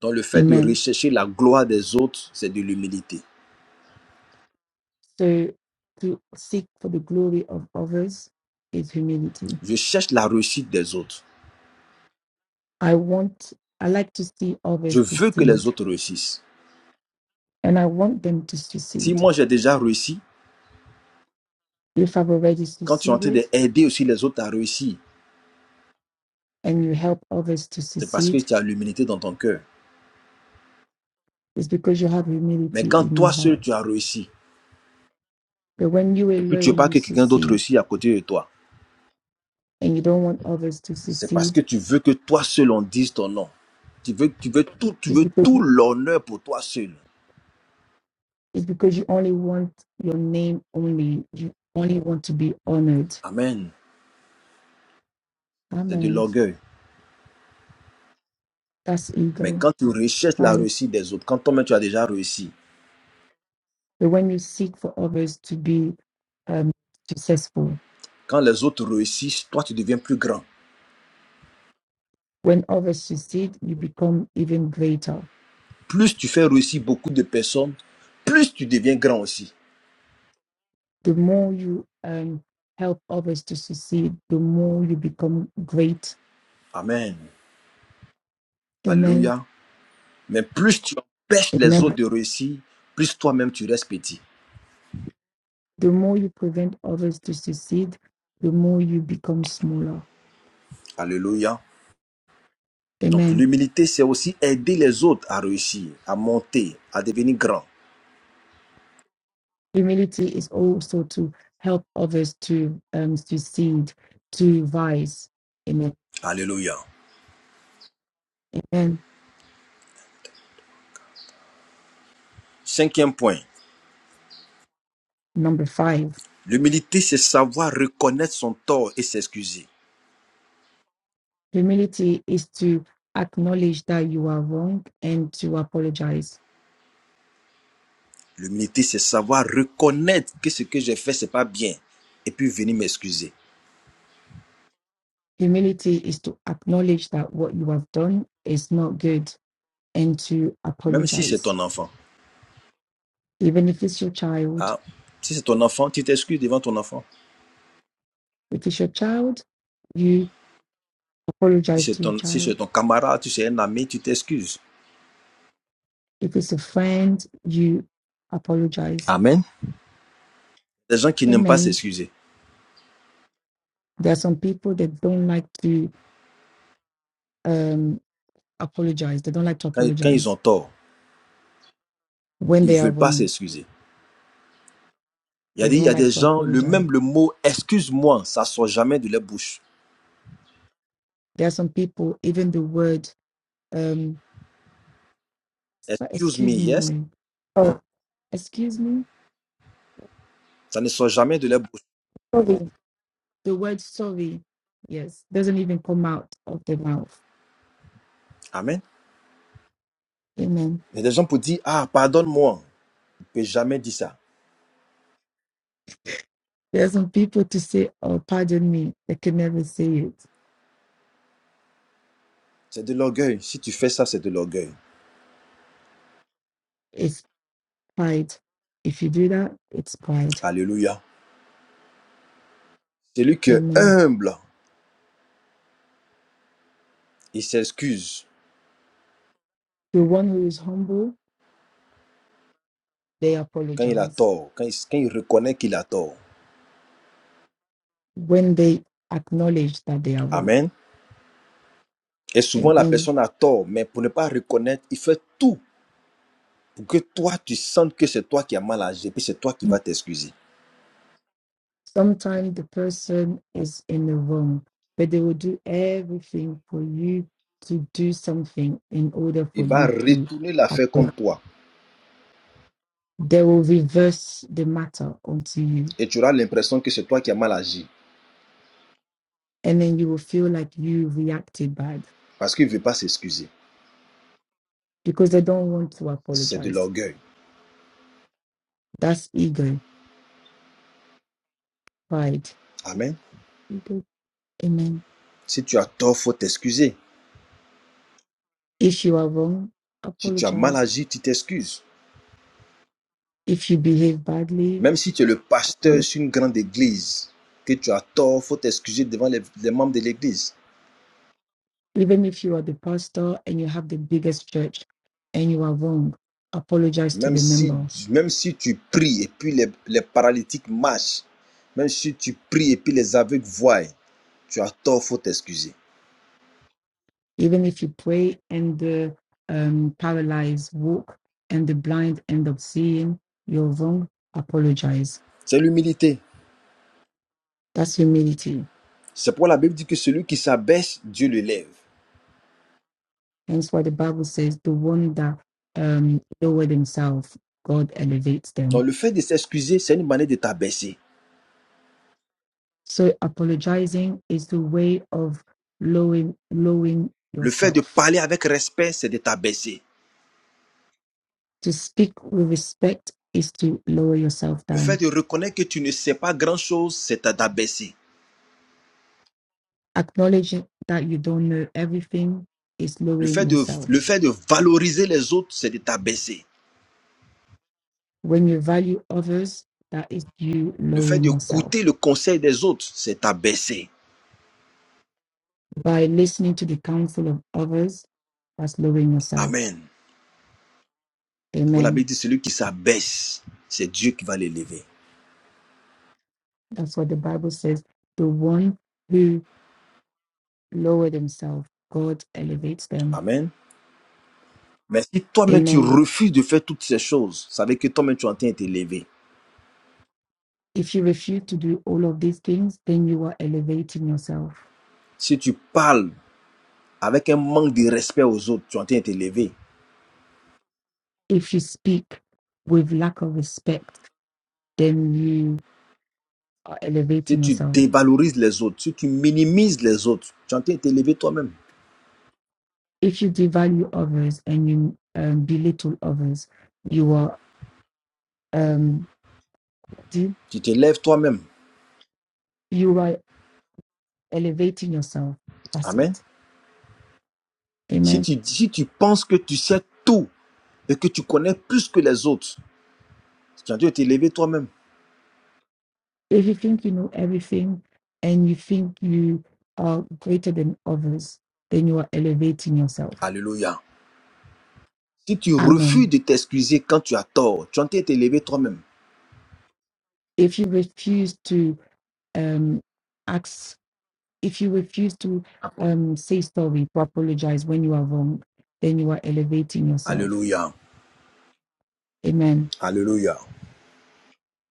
Speaker 1: Donc le fait de
Speaker 2: Amen.
Speaker 1: rechercher la gloire des autres, c'est de l'humilité.
Speaker 2: So to seek for the glory of others is humility.
Speaker 1: Je cherche la réussite des autres.
Speaker 2: I want I like to see
Speaker 1: Je
Speaker 2: others
Speaker 1: veux que les
Speaker 2: succeed
Speaker 1: autres réussissent.
Speaker 2: and I want them to
Speaker 1: Si
Speaker 2: succeed.
Speaker 1: moi j'ai déjà réussi,
Speaker 2: If I've already
Speaker 1: quand tu es en train
Speaker 2: succeeded
Speaker 1: d'aider aussi les autres à réussir,
Speaker 2: and you help others to
Speaker 1: c'est parce que
Speaker 2: succeed,
Speaker 1: tu as l'humilité dans ton cœur.
Speaker 2: it's because you have
Speaker 1: Mais
Speaker 2: humility
Speaker 1: quand
Speaker 2: in your
Speaker 1: toi seul
Speaker 2: heart.
Speaker 1: tu as réussi,
Speaker 2: But when you
Speaker 1: et puis tu veux
Speaker 2: alone
Speaker 1: pas
Speaker 2: you
Speaker 1: que quelqu'un d'autre
Speaker 2: succeed
Speaker 1: réussisse à côté de toi,
Speaker 2: and you don't want others to
Speaker 1: c'est parce
Speaker 2: succeed,
Speaker 1: que tu veux que toi seul on dise ton nom. Tu veux, tu veux tout, tu
Speaker 2: it's
Speaker 1: veux
Speaker 2: because
Speaker 1: tout l'honneur pour toi seul.
Speaker 2: It's because you only want your name only. You only want to be honored.
Speaker 1: Amen. C'est de
Speaker 2: Amen.
Speaker 1: l'orgueil.
Speaker 2: That's
Speaker 1: Mais
Speaker 2: ego,
Speaker 1: quand tu recherches la
Speaker 2: pride.
Speaker 1: réussite des autres, quand toi-même tu as déjà réussi,
Speaker 2: But when you seek for others to be um, successful,
Speaker 1: quand les autres réussissent, toi tu deviens plus grand.
Speaker 2: when others succeed, you become even greater.
Speaker 1: Plus tu fais réussir beaucoup de personnes, plus tu deviens grand aussi.
Speaker 2: The more you um, help others to succeed, the more you become great.
Speaker 1: Amen.
Speaker 2: Amen.
Speaker 1: Alléluia. Mais plus tu empêches les
Speaker 2: Amen.
Speaker 1: autres de réussir, plus toi-même tu restes petit.
Speaker 2: The more you prevent others to succeed, the more you become smaller.
Speaker 1: Alléluia. Donc
Speaker 2: Amen.
Speaker 1: l'humilité, c'est aussi aider les autres à réussir, à monter, à devenir grand.
Speaker 2: Humility is also to help others to um, succeed, to rise. Amen.
Speaker 1: Alléluia.
Speaker 2: And
Speaker 1: Cinquième point.
Speaker 2: number five,
Speaker 1: L'humilité, c'est savoir reconnaître son tort et s'excuser.
Speaker 2: humility is to acknowledge that you are wrong and to apologize.
Speaker 1: L'humilité, c'est savoir reconnaître que ce que j'ai fait, c'est pas bien. Et puis venir m'excuser.
Speaker 2: Humility is to acknowledge that what you have done is not good and to
Speaker 1: Même si c'est
Speaker 2: apologize.
Speaker 1: ton enfant.
Speaker 2: Even if it's your child,
Speaker 1: Ah, si c'est ton enfant, tu t'excuses devant ton enfant.
Speaker 2: if it's your child, you
Speaker 1: Si
Speaker 2: apologize
Speaker 1: c'est
Speaker 2: to your
Speaker 1: ton, si c'est
Speaker 2: child.
Speaker 1: ton camarade, tu es un ami, tu t'excuses.
Speaker 2: If it's a friend, you apologize.
Speaker 1: Amen. Les gens qui n'aiment pas
Speaker 2: Amen
Speaker 1: s'excuser.
Speaker 2: There are some people that don't like to um, apologize. They don't like to
Speaker 1: Quand, quand ils ont
Speaker 2: apologize
Speaker 1: tort,
Speaker 2: when
Speaker 1: ils
Speaker 2: they are
Speaker 1: veulent pas
Speaker 2: wrong.
Speaker 1: s'excuser. Il y a
Speaker 2: They
Speaker 1: des, il y
Speaker 2: don't
Speaker 1: a
Speaker 2: like
Speaker 1: des
Speaker 2: to
Speaker 1: gens, le
Speaker 2: apologize.
Speaker 1: même le mot excuse-moi, ça sort jamais de leur bouche.
Speaker 2: There are some people, even the word, um, uh,
Speaker 1: Excuse me,
Speaker 2: excuse me,
Speaker 1: yes,
Speaker 2: no. oh, excuse me,
Speaker 1: ça ne sort jamais de leur bouche.
Speaker 2: sorry. The word sorry, yes, doesn't even come out of their mouth.
Speaker 1: Amen.
Speaker 2: Amen.
Speaker 1: Il y a des gens pour dire ah pardonne-moi, ils ne peuvent jamais dire ça.
Speaker 2: There are some people to say, oh, pardon me. They can never say it.
Speaker 1: C'est de l'orgueil. Si tu fais ça, c'est de l'orgueil.
Speaker 2: It's pride. If you do that, it's pride.
Speaker 1: Alléluia. Celui qui est
Speaker 2: Amen.
Speaker 1: humble, il s'excuse
Speaker 2: The one who is humble, they
Speaker 1: quand il a
Speaker 2: apologize.
Speaker 1: tort, quand il, quand il reconnaît qu'il a tort.
Speaker 2: when they acknowledge that they are wrong.
Speaker 1: Amen. Et souvent la
Speaker 2: Amen.
Speaker 1: personne a tort, mais pour ne pas reconnaître, il fait tout pour que toi tu sentes que c'est toi qui as mal agi, puis c'est toi qui vas t'excuser.
Speaker 2: Sometimes the person is in the wrong, but they will do everything for you to do something in order for
Speaker 1: Il va
Speaker 2: you to
Speaker 1: retourner l'affaire
Speaker 2: apply.
Speaker 1: contre toi.
Speaker 2: They will reverse the matter onto you,
Speaker 1: et tu auras l'impression que c'est toi qui as mal agi
Speaker 2: and then you will feel like you reacted bad
Speaker 1: parce qu'il ne veut pas s'excuser.
Speaker 2: because they don't want to
Speaker 1: C'est de
Speaker 2: apologize.
Speaker 1: l'orgueil.
Speaker 2: That's ego, pride.
Speaker 1: Amen.
Speaker 2: Ego. Amen.
Speaker 1: Si tu as tort, il faut t'excuser.
Speaker 2: If you are wrong,
Speaker 1: Si tu as mal
Speaker 2: apologize.
Speaker 1: agi, tu t'excuses.
Speaker 2: If you behave badly,
Speaker 1: Même si tu es le
Speaker 2: apologize
Speaker 1: pasteur sur une grande église, que tu as tort, il faut t'excuser devant les, les membres de l'église.
Speaker 2: Even if you are the pastor and you have the biggest church and you are wrong, apologize to
Speaker 1: Même
Speaker 2: the
Speaker 1: si,
Speaker 2: member.
Speaker 1: même si tu pries et puis les, les paralytiques marchent, même si tu pries et puis les aveugles voient, tu as tort, il faut t'excuser.
Speaker 2: Even if you pray and the um, paralyzed walk and the blind end up seeing, you're wrong, apologize.
Speaker 1: C'est l'humilité.
Speaker 2: That's humility.
Speaker 1: C'est pourquoi la Bible dit que celui qui s'abaisse, Dieu le lève.
Speaker 2: Hence why the Bible says the one that um, lower themselves, God elevates
Speaker 1: Donc
Speaker 2: them.
Speaker 1: le fait de s'excuser, c'est une manière de t'abaisser.
Speaker 2: So apologizing is the way of lowering, lowering
Speaker 1: Le fait de
Speaker 2: yourself
Speaker 1: parler avec respect, c'est de t'abaisser.
Speaker 2: To speak with respect is to lower yourself
Speaker 1: Le fait
Speaker 2: down.
Speaker 1: de reconnaître que tu ne sais pas grand-chose, c'est de t'abaisser.
Speaker 2: Acknowledging that you don't know everything is
Speaker 1: Le
Speaker 2: lowering
Speaker 1: fait de,
Speaker 2: yourself.
Speaker 1: le fait de valoriser les autres, c'est de t'abaisser.
Speaker 2: When you value others, that is you
Speaker 1: Le fait
Speaker 2: lowering yourself.
Speaker 1: d'écouter le conseil des autres, c'est de t'abaisser.
Speaker 2: By listening to the counsel of others, that's lowering yourself.
Speaker 1: Amen. C'est pour la
Speaker 2: Amen.
Speaker 1: Bible dit, celui qui s'abaisse, c'est Dieu qui va l'élever.
Speaker 2: That's what the Bible says. The one who lower themselves, God elevates them.
Speaker 1: Amen. Mais si toi-même tu
Speaker 2: Amen.
Speaker 1: refuses de faire toutes ces choses, savez que toi-même tu es en train de t'élever.
Speaker 2: If you refuse to do all of these things, then you are elevating yourself.
Speaker 1: Si tu parles avec un manque de respect aux autres, tu es en train de t'élever.
Speaker 2: if you speak with lack of respect, then you are
Speaker 1: Si
Speaker 2: elevating
Speaker 1: tu
Speaker 2: yourself.
Speaker 1: dévalorises les autres, si tu minimises les autres, tu es en train de t'élever toi-même.
Speaker 2: If you devalue others and you um, belittle others, you are um,
Speaker 1: Tu t'élèves toi-même.
Speaker 2: you are elevating yourself. That's
Speaker 1: Amen.
Speaker 2: it.
Speaker 1: Si
Speaker 2: Amen.
Speaker 1: tu, si tu penses que tu sais tout et que tu connais plus que les autres, tu es en train de t'élever toi-même.
Speaker 2: If you think you know everything and you think you are greater than others, then you are elevating yourself.
Speaker 1: Alléluia. Si tu refuses
Speaker 2: Amen.
Speaker 1: de t'excuser quand tu as tort, tu es en train de t'élever toi-même.
Speaker 2: If you refuse to um, ask if you refuse to um, say sorry, to apologize when you are wrong, then you are elevating yourself.
Speaker 1: Alléluia.
Speaker 2: Amen.
Speaker 1: Alléluia.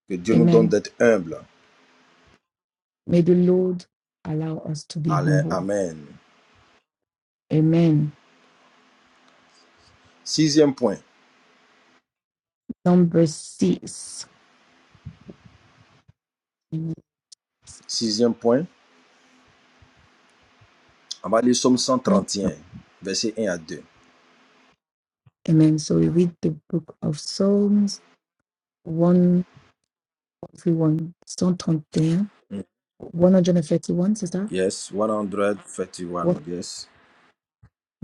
Speaker 1: Que Dieu nous donne
Speaker 2: Amen.
Speaker 1: d'être humbles.
Speaker 2: May the Lord allow us to be humble.
Speaker 1: Amen.
Speaker 2: Amen.
Speaker 1: Sixième point.
Speaker 2: Number six.
Speaker 1: Sixième point. On va aller au psaume 131, verset un versets un à 2.
Speaker 2: Amen. So we read the book of Psalms 131, Psalm 131, sister.
Speaker 1: Yes, one hundred
Speaker 2: What?
Speaker 1: thirty-one. Yes,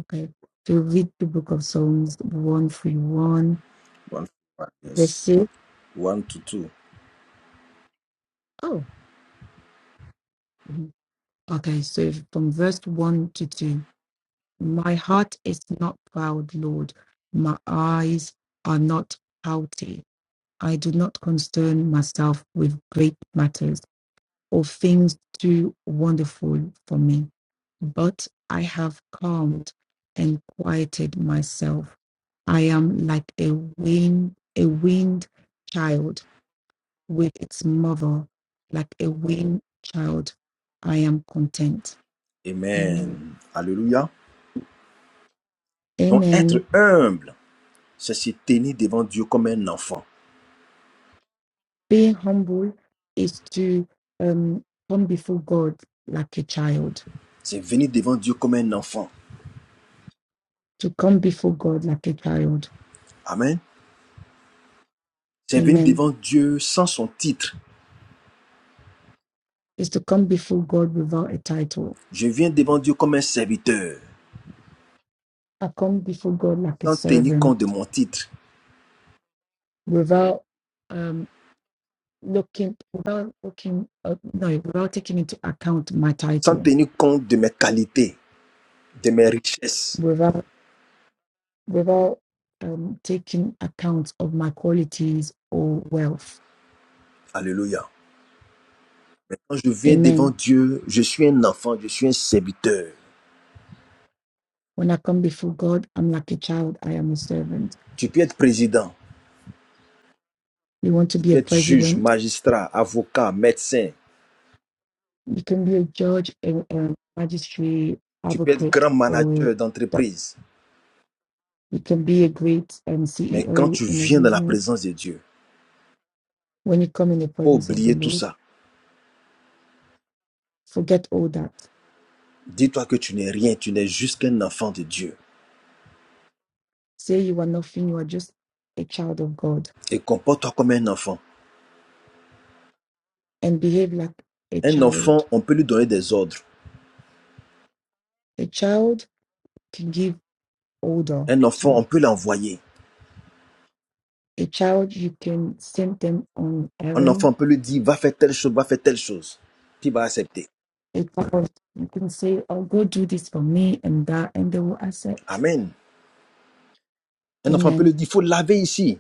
Speaker 2: Okay. To read the book of Psalms 131,
Speaker 1: 131.
Speaker 2: verse
Speaker 1: Yes,
Speaker 2: 6.
Speaker 1: one to two.
Speaker 2: Oh. Okay, so from verse 1 to 2. My heart is not proud, Lord. My eyes are not haughty. I do not concern myself with great matters or things too wonderful for me. But I have calmed and quieted myself. I am like a wind, a wind child with its mother. Like a wind child, I am content. Amen.
Speaker 1: Amen. Alléluia. Donc, être
Speaker 2: Amen.
Speaker 1: humble, c'est se tenir devant Dieu comme un enfant.
Speaker 2: Being humble is to um, come before God like a child.
Speaker 1: C'est venir devant Dieu comme un enfant.
Speaker 2: To come before God like a child.
Speaker 1: Amen. C'est venir
Speaker 2: Amen.
Speaker 1: devant Dieu sans son titre.
Speaker 2: Is to come before God without a title.
Speaker 1: Je viens devant Dieu comme un serviteur,
Speaker 2: I come before God like a
Speaker 1: sans tenir compte de
Speaker 2: servant,
Speaker 1: mon titre,
Speaker 2: without um, looking, without looking, uh, no, without taking into account my
Speaker 1: sans
Speaker 2: title,
Speaker 1: tenir compte de mes qualités, de mes richesses.
Speaker 2: without without um, taking account of my qualities or wealth.
Speaker 1: Alléluia. Quand je viens
Speaker 2: Amen
Speaker 1: devant Dieu, je suis un enfant, je suis un serviteur.
Speaker 2: When I come before God, I'm like a child, I am a servant.
Speaker 1: Tu peux être président.
Speaker 2: You want to
Speaker 1: Tu
Speaker 2: be a
Speaker 1: peux être juge,
Speaker 2: president,
Speaker 1: magistrat, avocat, médecin.
Speaker 2: you can be a judge, a, a magistrate,
Speaker 1: Tu peux être
Speaker 2: advocate,
Speaker 1: grand
Speaker 2: or
Speaker 1: manager
Speaker 2: doc-
Speaker 1: d'entreprise.
Speaker 2: you can be a great um,
Speaker 1: Mais quand
Speaker 2: CEO
Speaker 1: tu
Speaker 2: in a
Speaker 1: viens dans la
Speaker 2: business.
Speaker 1: présence de Dieu,
Speaker 2: When you come in the
Speaker 1: il faut
Speaker 2: presence of the
Speaker 1: oublier tout
Speaker 2: Lord,
Speaker 1: ça.
Speaker 2: forget all that.
Speaker 1: Dis-toi que tu n'es rien, tu n'es juste qu'un enfant de Dieu.
Speaker 2: Say you are nothing, you are just a child of God
Speaker 1: Et comporte-toi comme un enfant.
Speaker 2: and behave like a
Speaker 1: Un
Speaker 2: child.
Speaker 1: enfant, on peut lui donner des ordres.
Speaker 2: A child can give order
Speaker 1: Un enfant,
Speaker 2: to.
Speaker 1: on peut l'envoyer.
Speaker 2: A child, you can send them on
Speaker 1: Un
Speaker 2: errand
Speaker 1: enfant, on peut lui dire, va faire telle chose, va faire telle chose. Puis il va accepter.
Speaker 2: It's because you can say, Oh, go do this for me and that, and they will accept.
Speaker 1: Amen. Un enfant on peut lui
Speaker 2: Amen.
Speaker 1: dire, il faut laver ici.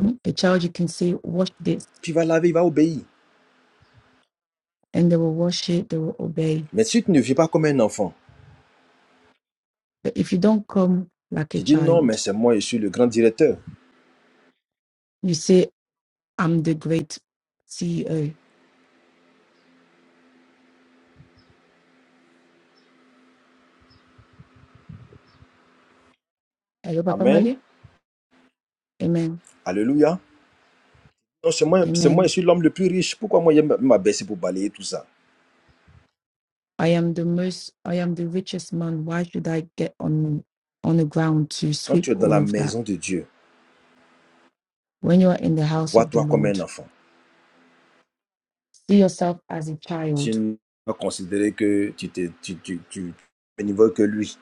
Speaker 2: Um, A child, you can say, Wash this,
Speaker 1: Puis il va laver, il va obéir.
Speaker 2: and they will wash it, they will obey.
Speaker 1: Mais si tu ne vis pas comme un enfant,
Speaker 2: But if you don't come like a
Speaker 1: tu dis, non, mais
Speaker 2: child,
Speaker 1: c'est moi, je suis le grand directeur.
Speaker 2: you say, I'm the great CEO. Hello, Papa
Speaker 1: Amen.
Speaker 2: Mali. Amen.
Speaker 1: Alléluia. Non, c'est moi, c'est moi, je
Speaker 2: Amen.
Speaker 1: suis l'homme le plus riche. Pourquoi moi, je vais m'abaisser pour balayer tout ça
Speaker 2: I am the most, I am the richest man. Why should I get on on the ground to
Speaker 1: Quand
Speaker 2: sweep
Speaker 1: tu es dans
Speaker 2: all
Speaker 1: la
Speaker 2: of that?
Speaker 1: maison de Dieu,
Speaker 2: When you are in the house of the
Speaker 1: vois-toi comme
Speaker 2: Lord,
Speaker 1: un enfant.
Speaker 2: see yourself as a child
Speaker 1: Tu ne vas considérer que tu es tu, tu, tu, au niveau que lui.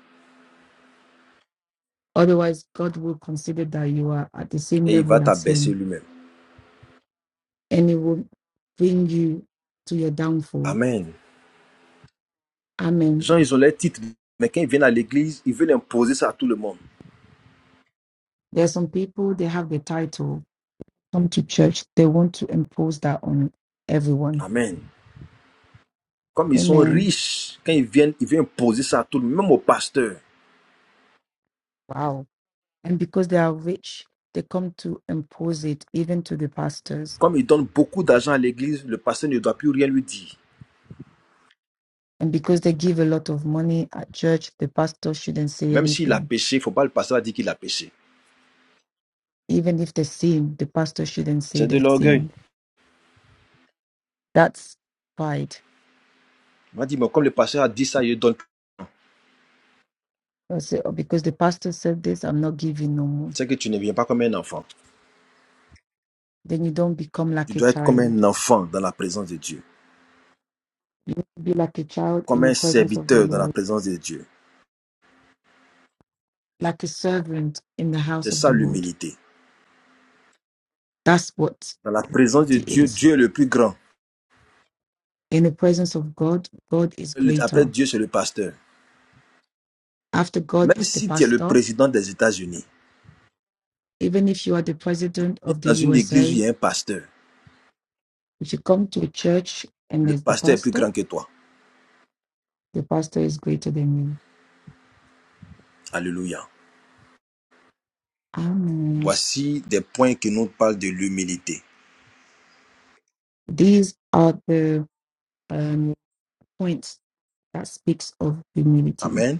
Speaker 2: Otherwise, God will consider that you are at the same
Speaker 1: Et il va
Speaker 2: level as
Speaker 1: t'abaisser
Speaker 2: Him
Speaker 1: lui-même.
Speaker 2: and it will bring you to your downfall.
Speaker 1: Amen. Les
Speaker 2: Amen.
Speaker 1: gens, ils ont leurs titres. Mais quand ils viennent à l'église, ils veulent imposer ça à tout le monde.
Speaker 2: There are some people, they have the title, come to church, they want to impose that on everyone.
Speaker 1: Amen. Comme ils sont
Speaker 2: Amen.
Speaker 1: riches, quand ils viennent, ils veulent imposer ça à tout le monde, même au pasteur.
Speaker 2: Wow. And because they are rich, they come to impose it even to the pastors.
Speaker 1: Comme ils donnent beaucoup d'argent à l'église, le pasteur ne doit plus rien lui dire.
Speaker 2: And because they give a lot of money at church, the pastor shouldn't say
Speaker 1: Même s'il a
Speaker 2: anything.
Speaker 1: péché, il ne faut pas le pasteur dire qu'il a péché.
Speaker 2: Even if they sin, the pastor shouldn't say
Speaker 1: C'est de
Speaker 2: they
Speaker 1: l'orgueil.
Speaker 2: sin. That's pride
Speaker 1: Il m'a dit, mais comme le pasteur a dit ça, je donne.
Speaker 2: Don't say, "Oh, because the pastor said this, I'm not giving no more.
Speaker 1: C'est que tu ne viens pas comme un enfant.
Speaker 2: Then you don't become
Speaker 1: Tu
Speaker 2: like a
Speaker 1: dois être comme
Speaker 2: child.
Speaker 1: un enfant dans la présence de Dieu.
Speaker 2: You need to be like a child
Speaker 1: Comme
Speaker 2: in the
Speaker 1: un
Speaker 2: presence of the
Speaker 1: serviteur dans la
Speaker 2: Lord,
Speaker 1: présence de Dieu.
Speaker 2: like a servant in the house
Speaker 1: C'est
Speaker 2: of the
Speaker 1: ça
Speaker 2: Lord.
Speaker 1: l'humilité.
Speaker 2: That's what
Speaker 1: Dans la présence
Speaker 2: it
Speaker 1: de Dieu,
Speaker 2: is.
Speaker 1: Dieu est le plus grand.
Speaker 2: In the presence of God, God is
Speaker 1: Après
Speaker 2: greater.
Speaker 1: Dieu, c'est le pasteur.
Speaker 2: After God
Speaker 1: Même
Speaker 2: is the
Speaker 1: si tu es le
Speaker 2: pastor,
Speaker 1: président des États-Unis,
Speaker 2: even if you are the president
Speaker 1: viens
Speaker 2: of the
Speaker 1: dans une église où
Speaker 2: USA,
Speaker 1: il y a un pasteur.
Speaker 2: if you come to a church and
Speaker 1: Le
Speaker 2: there's the
Speaker 1: pasteur est plus
Speaker 2: pastor,
Speaker 1: grand que toi.
Speaker 2: the pastor is greater than you.
Speaker 1: Alléluia.
Speaker 2: Amen.
Speaker 1: Voici des points qui nous parlent de l'humilité.
Speaker 2: These are the um, points that speaks of humility.
Speaker 1: Amen.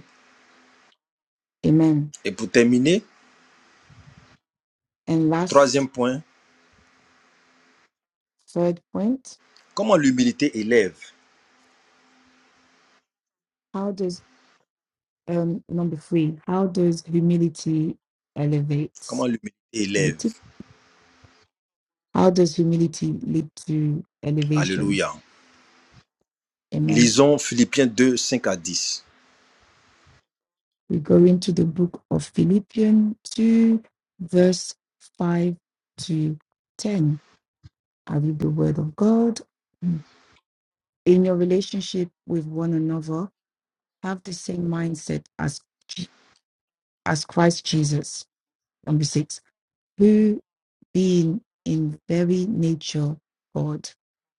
Speaker 2: Amen.
Speaker 1: Et pour terminer,
Speaker 2: And last
Speaker 1: troisième point,
Speaker 2: third point,
Speaker 1: comment l'humilité élève.
Speaker 2: how does um number three, how does humility elevate So
Speaker 1: Comment l'humilité
Speaker 2: the
Speaker 1: élève.
Speaker 2: tip: How does humility lead to elevation?
Speaker 1: Alléluia.
Speaker 2: Amen.
Speaker 1: Lisons Philippiens 2, 5 à 10.
Speaker 2: We go into the book of Philippians 2, verse 5 to 10. I read the word of God. In your relationship with one another, have the same mindset as, Je- as Christ Jesus. Number six, who being in very nature God,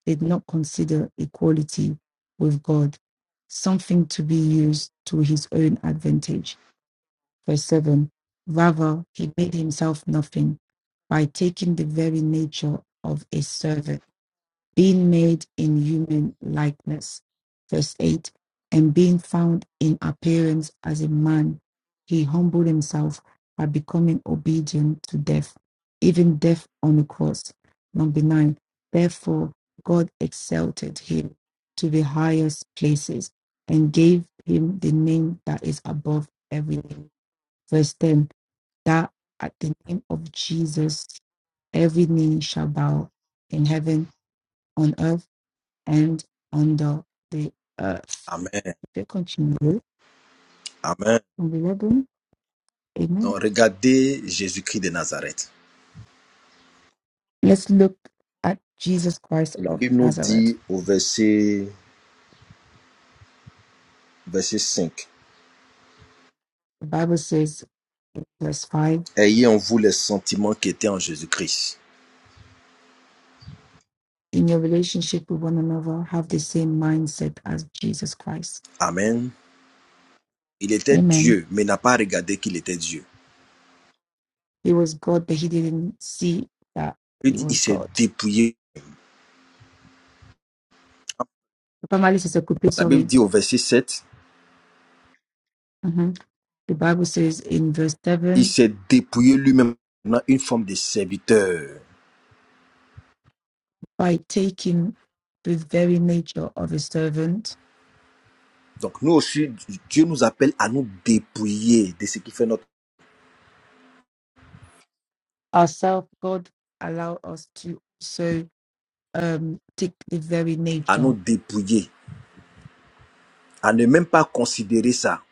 Speaker 2: did not consider equality with God something to be used to his own advantage. Verse 7 Rather, he made himself nothing by taking the very nature of a servant being made in human likeness. Verse 8 And being found in appearance as a man, he humbled himself by becoming obedient to death, even death on the cross. Number 9 Therefore, God exalted him to the highest places and gave him the name that is above every name. Verse 10 That at the name of Jesus, every knee shall bow in heaven, on earth and under the earth.
Speaker 1: Amen.
Speaker 2: If you continue
Speaker 1: Amen.
Speaker 2: from 11, amen.
Speaker 1: Donc, regardez Jésus-Christ de Nazareth.
Speaker 2: Let's look at Jesus Christ
Speaker 1: La
Speaker 2: of
Speaker 1: Bible nous
Speaker 2: Nazareth.
Speaker 1: dit au verset, verset 5,
Speaker 2: The Bible says, in verse 5,
Speaker 1: Ayez en vous les sentiments qui étaient en Jésus-Christ.
Speaker 2: in your relationship with one another, have the same mindset as Jesus Christ.
Speaker 1: Amen. Il était
Speaker 2: Amen.
Speaker 1: Dieu, mais n'a pas regardé qu'il était Dieu.
Speaker 2: He was God, but he didn't see that
Speaker 1: Il
Speaker 2: he
Speaker 1: dit, il
Speaker 2: was
Speaker 1: s'est
Speaker 2: God.
Speaker 1: dépouillé.
Speaker 2: Primarily, Sister Kupi,
Speaker 1: La Bible
Speaker 2: sorry.
Speaker 1: dit au verset 7,
Speaker 2: Mhm. The Bible says in verse
Speaker 1: il
Speaker 2: 7,
Speaker 1: s'est dépouillé lui-même en une forme de serviteur.
Speaker 2: by taking the very nature of a servant,
Speaker 1: Donc nous aussi, Dieu nous appelle à nous dépouiller de ce qui fait notre,
Speaker 2: ourselves, God allow us to so um take the very
Speaker 1: à nous
Speaker 2: nature
Speaker 1: dépouiller à ne même pas considérer ça.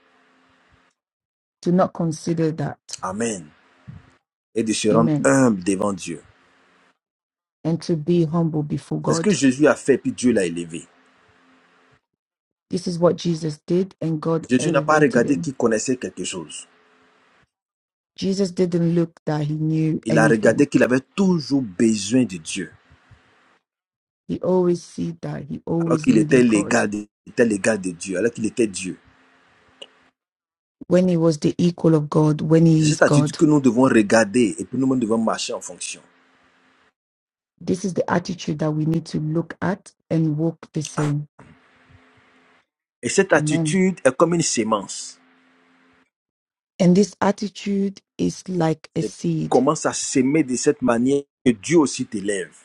Speaker 2: to not consider that.
Speaker 1: Amen. Et de se rendre
Speaker 2: Amen.
Speaker 1: humble devant Dieu.
Speaker 2: And to be humble before
Speaker 1: C'est ce que
Speaker 2: God.
Speaker 1: Jésus a fait, puis Dieu l'a élevé.
Speaker 2: This is what Jesus did, and God
Speaker 1: Jésus n'a pas
Speaker 2: elevated
Speaker 1: regardé
Speaker 2: him.
Speaker 1: qu'il connaissait quelque chose.
Speaker 2: Jesus didn't look that he knew
Speaker 1: Il a
Speaker 2: anything.
Speaker 1: regardé qu'il avait toujours besoin de Dieu,
Speaker 2: He always see that he
Speaker 1: alors
Speaker 2: always
Speaker 1: qu'il était
Speaker 2: needed God.
Speaker 1: l'égal de, était l'égal de Dieu, alors qu'il était Dieu.
Speaker 2: When he was the equal of God, when
Speaker 1: C'est
Speaker 2: he is
Speaker 1: cette attitude
Speaker 2: God.
Speaker 1: que nous devons regarder et puis nous devons marcher en fonction.
Speaker 2: This is the attitude that we need to look at and walk the same.
Speaker 1: Et cette
Speaker 2: Amen.
Speaker 1: attitude est comme une sémence.
Speaker 2: And this attitude is like a
Speaker 1: Tu
Speaker 2: seed
Speaker 1: commences à s'aimer de cette manière que Dieu aussi t'élève.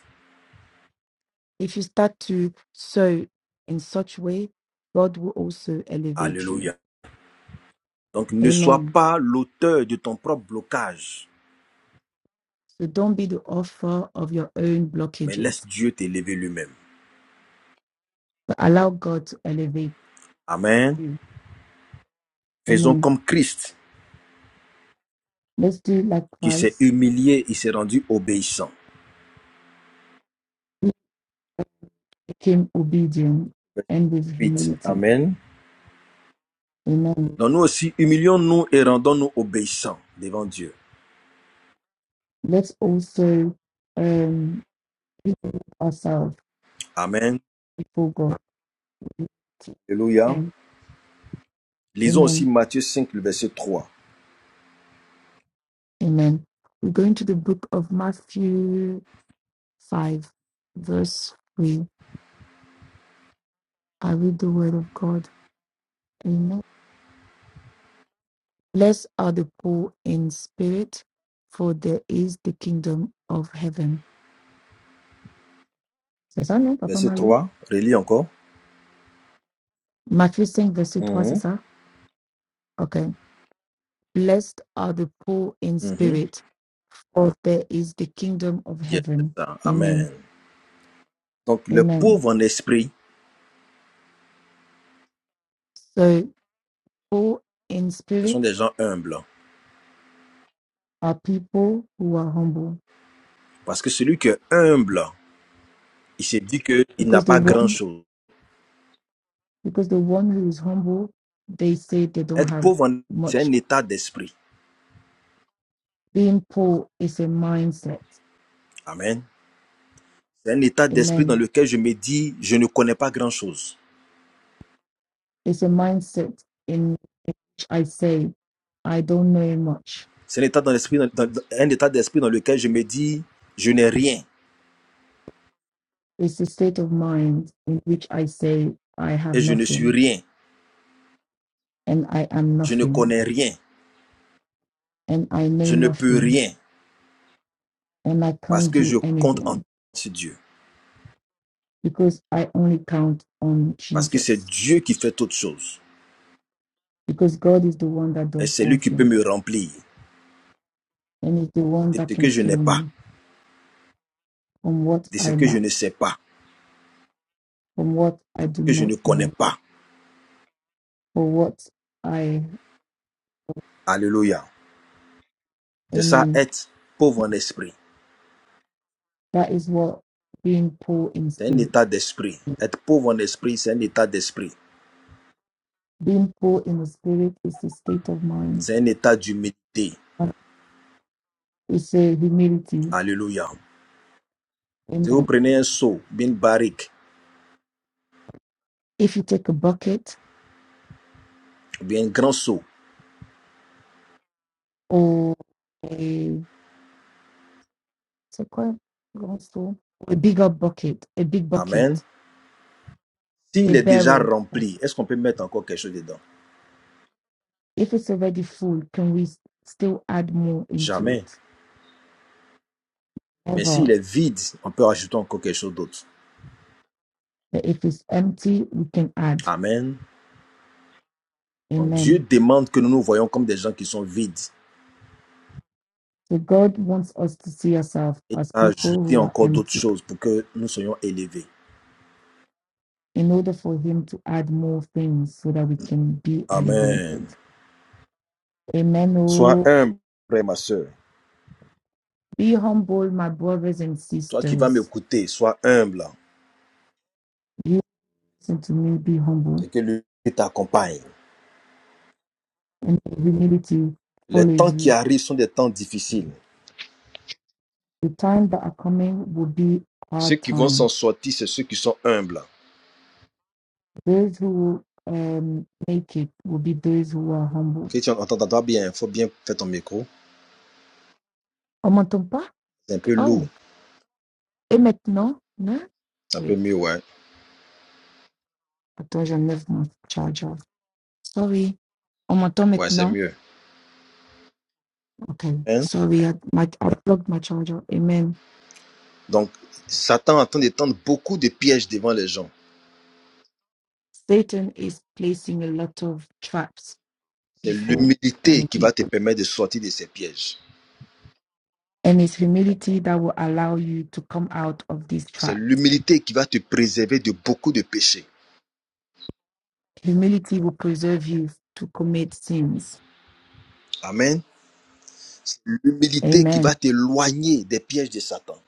Speaker 2: If you start to sow in such way, God will also elevate you.
Speaker 1: Alléluia. Donc ne sois
Speaker 2: Amen.
Speaker 1: pas l'auteur de ton propre blocage
Speaker 2: So don't be the author of your own
Speaker 1: mais laisse
Speaker 2: blockages,
Speaker 1: Dieu t'élever lui-même.
Speaker 2: but allow God to elevate
Speaker 1: Amen.
Speaker 2: you.
Speaker 1: Faisons
Speaker 2: Amen.
Speaker 1: comme Christ
Speaker 2: Let's do like
Speaker 1: qui s'est
Speaker 2: Christ.
Speaker 1: humilié, et s'est rendu obéissant.
Speaker 2: He became obedient
Speaker 1: Verset
Speaker 2: and with humility.
Speaker 1: Amen.
Speaker 2: Amen.
Speaker 1: Donc nous aussi, humilions-nous et rendons-nous obéissants devant Dieu.
Speaker 2: Let's also um humble ourselves
Speaker 1: Amen.
Speaker 2: before God.
Speaker 1: Alléluia.
Speaker 2: Amen.
Speaker 1: Lisons aussi
Speaker 2: Amen.
Speaker 1: Matthieu 5 le verset 3.
Speaker 2: Amen. We're going to the book of Matthew 5, verse 3. I read the word of God. Amen. Blessed are the poor in spirit, for there is the kingdom of heaven. C'est ça, non, Papa
Speaker 1: Verset
Speaker 2: Mali?
Speaker 1: trois. relis encore.
Speaker 2: Matthieu 5, verset 3, c'est
Speaker 1: Mhm.
Speaker 2: ça? Okay. Blessed are the poor in
Speaker 1: Mhm.
Speaker 2: spirit, for there is the kingdom of
Speaker 1: Yes, c'est
Speaker 2: heaven.
Speaker 1: ça.
Speaker 2: Amen.
Speaker 1: Amen. Donc le
Speaker 2: Amen.
Speaker 1: pauvre en esprit,
Speaker 2: So, poor in
Speaker 1: ce sont
Speaker 2: spirit
Speaker 1: des gens humbles.
Speaker 2: are people who are humble,
Speaker 1: Parce que celui qui est humble, il se dit qu'il n'a
Speaker 2: because the
Speaker 1: pas
Speaker 2: one
Speaker 1: grand-chose.
Speaker 2: because the one who is humble, they say they don't
Speaker 1: Être
Speaker 2: have
Speaker 1: pauvre, c'est
Speaker 2: much.
Speaker 1: un état d'esprit.
Speaker 2: Being poor is a mindset.
Speaker 1: Amen. C'est un état d'esprit dans
Speaker 2: Amen.
Speaker 1: lequel je me dis, je ne connais pas grand-chose.
Speaker 2: It's a mindset in which I say, I don't know much.
Speaker 1: C'est un état dans l'esprit- dans- dans- un état d'esprit dans lequel je me dis, je n'ai rien
Speaker 2: It's a state of mind in which I say, I have
Speaker 1: et je ne suis
Speaker 2: nothing
Speaker 1: rien.
Speaker 2: and I am
Speaker 1: Je ne
Speaker 2: nothing
Speaker 1: connais rien.
Speaker 2: and I know
Speaker 1: Je ne peux
Speaker 2: nothing
Speaker 1: rien
Speaker 2: and I
Speaker 1: parce
Speaker 2: can't
Speaker 1: que
Speaker 2: do
Speaker 1: je compte en
Speaker 2: anything
Speaker 1: Dieu.
Speaker 2: because I only count on
Speaker 1: Parce que c'est
Speaker 2: Jesus.
Speaker 1: Dieu qui fait toutes choses.
Speaker 2: Because God is the one that
Speaker 1: Et
Speaker 2: does
Speaker 1: c'est
Speaker 2: all
Speaker 1: lui qui peut
Speaker 2: things
Speaker 1: me remplir
Speaker 2: and is the one
Speaker 1: de
Speaker 2: that
Speaker 1: ce
Speaker 2: can
Speaker 1: que je
Speaker 2: fill
Speaker 1: n'ai pas,
Speaker 2: me on what
Speaker 1: de
Speaker 2: I
Speaker 1: ce que
Speaker 2: lack
Speaker 1: je ne sais pas,
Speaker 2: from what
Speaker 1: de
Speaker 2: I
Speaker 1: ce
Speaker 2: do
Speaker 1: que je
Speaker 2: not
Speaker 1: ne connais
Speaker 2: know,
Speaker 1: pas.
Speaker 2: for what I,
Speaker 1: Alléluia. C'est ça,
Speaker 2: amen.
Speaker 1: être pauvre en esprit.
Speaker 2: That is what being poor in
Speaker 1: C'est un
Speaker 2: spirit.
Speaker 1: état d'esprit. Être pauvre en esprit, c'est un état d'esprit.
Speaker 2: Being poor in the spirit is a state of mind.
Speaker 1: C'est un état d'humilité.
Speaker 2: It's a humility.
Speaker 1: Alléluia. Si vous
Speaker 2: Amen.
Speaker 1: prenez un seau, bien une barrique,
Speaker 2: If you take a bucket
Speaker 1: bien un grand seau,
Speaker 2: or a it's a long stool, a bigger bucket, a big
Speaker 1: Amen.
Speaker 2: bucket, a
Speaker 1: S'il est déjà
Speaker 2: barrel, that's
Speaker 1: rempli,
Speaker 2: it.
Speaker 1: est-ce qu'on peut mettre encore quelque chose dedans
Speaker 2: if it's already full, can we still add more into
Speaker 1: Jamais.
Speaker 2: it?
Speaker 1: Mais s'il
Speaker 2: Ever.
Speaker 1: est vide, on peut ajouter encore quelque chose d'autre.
Speaker 2: But if it's empty, we can add.
Speaker 1: Amen. Donc
Speaker 2: Amen
Speaker 1: Dieu demande que nous nous voyons comme des gens qui sont vides
Speaker 2: So God wants us to see ourselves
Speaker 1: et
Speaker 2: as people
Speaker 1: ajouter
Speaker 2: who are
Speaker 1: encore d'autres
Speaker 2: empty
Speaker 1: choses pour que nous soyons élevés.
Speaker 2: in order for Him to add more things so that we can be
Speaker 1: Amen.
Speaker 2: elevated. Amen.
Speaker 1: Sois
Speaker 2: Oh,
Speaker 1: humble, frère, ma soeur.
Speaker 2: be humble, my brothers and
Speaker 1: Toi qui vas
Speaker 2: sisters.
Speaker 1: m'écouter, sois humble
Speaker 2: You listen to me, be humble,
Speaker 1: et que lui t'accompagne.
Speaker 2: and humility
Speaker 1: Les
Speaker 2: follows
Speaker 1: temps qui
Speaker 2: you.
Speaker 1: arrivent sont des temps difficiles.
Speaker 2: The time that are coming will be
Speaker 1: Ceux
Speaker 2: hard
Speaker 1: qui vont s'en
Speaker 2: time.
Speaker 1: sortir, c'est ceux qui sont humbles.
Speaker 2: Those who um, make it will be those who are humble.
Speaker 1: Christian, on t'entend bien. Il faut bien faire ton micro.
Speaker 2: On m'entend pas?
Speaker 1: C'est un peu
Speaker 2: Oh,
Speaker 1: lourd.
Speaker 2: et maintenant? Non?
Speaker 1: C'est un peu
Speaker 2: Wait,
Speaker 1: mieux, ouais.
Speaker 2: attends, j'enlève mon charger. Sorry, I'm on time
Speaker 1: Ouais, c'est
Speaker 2: now.
Speaker 1: mieux.
Speaker 2: Okay,
Speaker 1: Hein?
Speaker 2: sorry, I, my, I plugged my charger. Amen.
Speaker 1: Donc, Satan est en train de tendre beaucoup de pièges devant les gens.
Speaker 2: Satan is placing a lot of traps
Speaker 1: C'est
Speaker 2: before
Speaker 1: l'humilité
Speaker 2: um,
Speaker 1: qui va te
Speaker 2: people,
Speaker 1: permettre de sortir de ces pièges.
Speaker 2: and it's humility that will allow you to come out of these
Speaker 1: C'est
Speaker 2: traps.
Speaker 1: l'humilité qui va te préserver de beaucoup de péchés.
Speaker 2: Humility will preserve you to commit sins.
Speaker 1: Amen. C'est L'humilité qui
Speaker 2: Amen.
Speaker 1: va t'éloigner des pièges de Satan.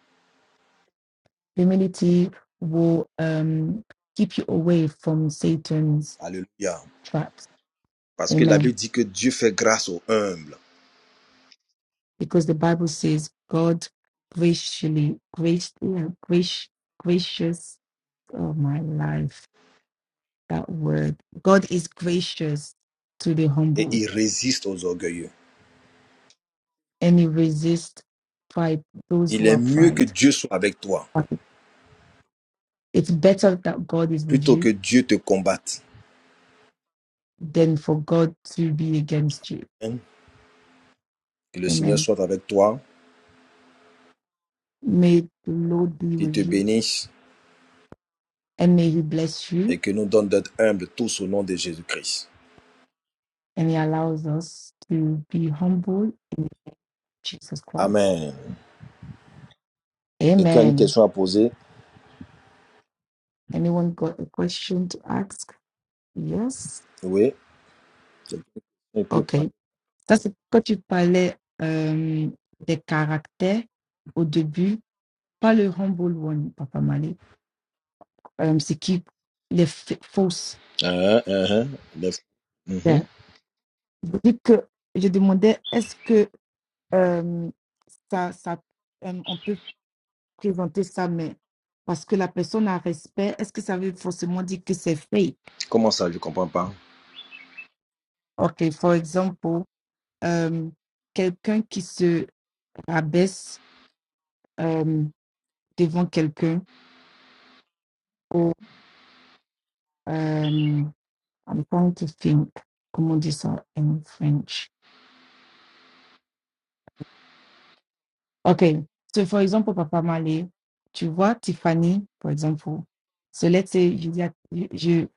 Speaker 2: Humility will um, keep you away from Satan's
Speaker 1: Alléluia.
Speaker 2: traps.
Speaker 1: Parce que la
Speaker 2: Amen.
Speaker 1: Bible dit que Dieu fait grâce aux humbles
Speaker 2: because the Bible says God graciously, grace, yeah, grace, gracious oh my life. That word. God is gracious to the
Speaker 1: et
Speaker 2: humble
Speaker 1: il résiste aux orgueilleux.
Speaker 2: and he resists pride, those
Speaker 1: Il
Speaker 2: who
Speaker 1: est
Speaker 2: are
Speaker 1: mieux que
Speaker 2: pride.
Speaker 1: Dieu soit avec toi
Speaker 2: It's better that God is with
Speaker 1: Plutôt que
Speaker 2: you
Speaker 1: Dieu te combatte.
Speaker 2: than for God to be against you.
Speaker 1: Hein? Que le Seigneur
Speaker 2: Amen.
Speaker 1: soit avec toi,
Speaker 2: May the Lord be
Speaker 1: qu'il
Speaker 2: with
Speaker 1: te
Speaker 2: you
Speaker 1: bénisse
Speaker 2: and may he bless you
Speaker 1: et que nous donne d'être humbles tous au nom de Jésus-Christ.
Speaker 2: and he allows us to be humble in Jesus Christ.
Speaker 1: Amen. Quelqu'un a une
Speaker 2: Amen.
Speaker 1: question à poser
Speaker 2: Anyone got a question to ask? Yes.
Speaker 1: Oui. Et puis-
Speaker 2: OK. Ça, c'est quand tu parlais euh, des caractères au début, pas le humble one, Papa Mali. Euh, c'est qui les fa- fausses.
Speaker 1: Hein, hein, hein. Mhm.
Speaker 2: Yeah. Je dis que je demandais est-ce que euh, ça, ça euh, on peut présenter ça, mais parce que la personne a respect, est-ce que ça veut forcément dire que c'est fake?
Speaker 1: Comment ça, je ne comprends pas.
Speaker 2: OK, for example, euh, quelqu'un qui se rabaisse euh, devant quelqu'un ou euh, I'm trying to think, comment on dit ça in French. Okay, so for example, Papa Malé, tu vois Tiffany, for example. So let's say, je, dis à- je,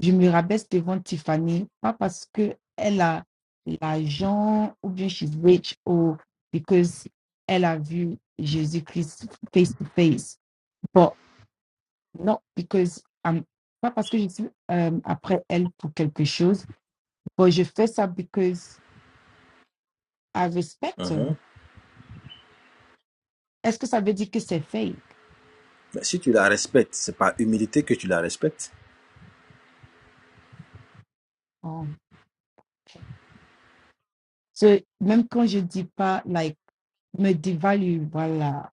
Speaker 2: je me rabaisse devant Tiffany, pas parce que elle a l'argent ou bien she's rich or because elle a vu Jésus-Christ face to face, but not because I'm, pas parce que je suis euh, après elle pour quelque chose Bon, je fais ça because I respect her.
Speaker 1: Mhm.
Speaker 2: Est-ce que ça veut dire que c'est fake?
Speaker 1: Mais si tu la respectes, c'est par humilité que tu la respectes. Je
Speaker 2: Oh, ok. So, même quand je dis pas, like, me dévalue, voilà.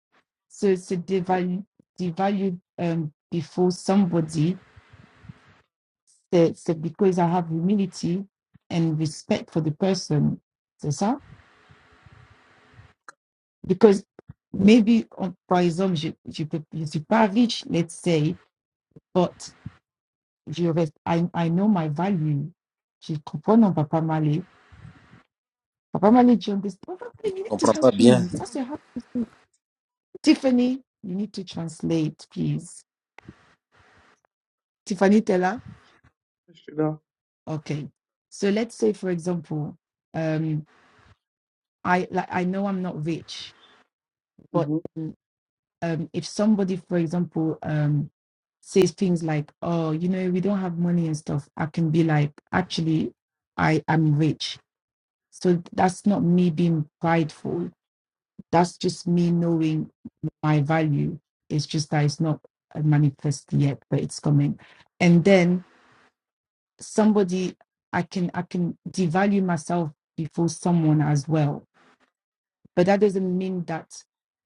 Speaker 2: So, se dévalue, dévalue um, before somebody, c'est c'est because I have humility and respect for the person. C'est ça? Because maybe, on- par exemple, je je, peux, je suis pas riche, let's say, but je reste, I, I know my value. Je comprends, on va pas m'aller. Papa Mali John, this Papa Mali, you
Speaker 1: ne
Speaker 2: need to
Speaker 1: comprends
Speaker 2: help
Speaker 1: pas bien.
Speaker 2: me. That's your help, question. Tiffany, you need to translate, please. Tiffany Teller.
Speaker 4: Je suis là.
Speaker 2: Okay. So let's say, for example, um, I like I know I'm not rich, but
Speaker 4: Mhm,
Speaker 2: um, if somebody, for example, um, says things like, "Oh, you know, we don't have money and stuff," I can be like, "Actually, I am rich." So that's not me being prideful. That's just me knowing my value. It's just that it's not uh, manifest yet, but it's coming. And then somebody, I can I can devalue myself before someone as well, but that doesn't mean that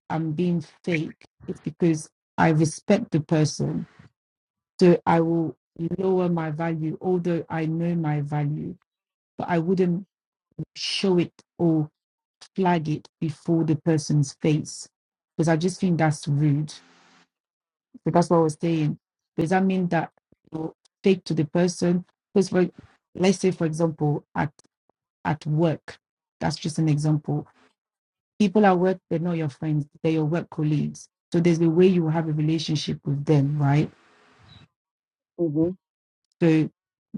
Speaker 2: I'm being fake. It's because I respect the person, so I will lower my value, although I know my value, but I wouldn't show it or flag it before the person's face because I just think that's rude So that's what I was saying. Does that mean that you take to the person? Because for let's say for example at at work, that's just an example. People at work, they're not your friends, they're your work colleagues. So there's a way you have a relationship with them, right?
Speaker 4: mhm.
Speaker 2: So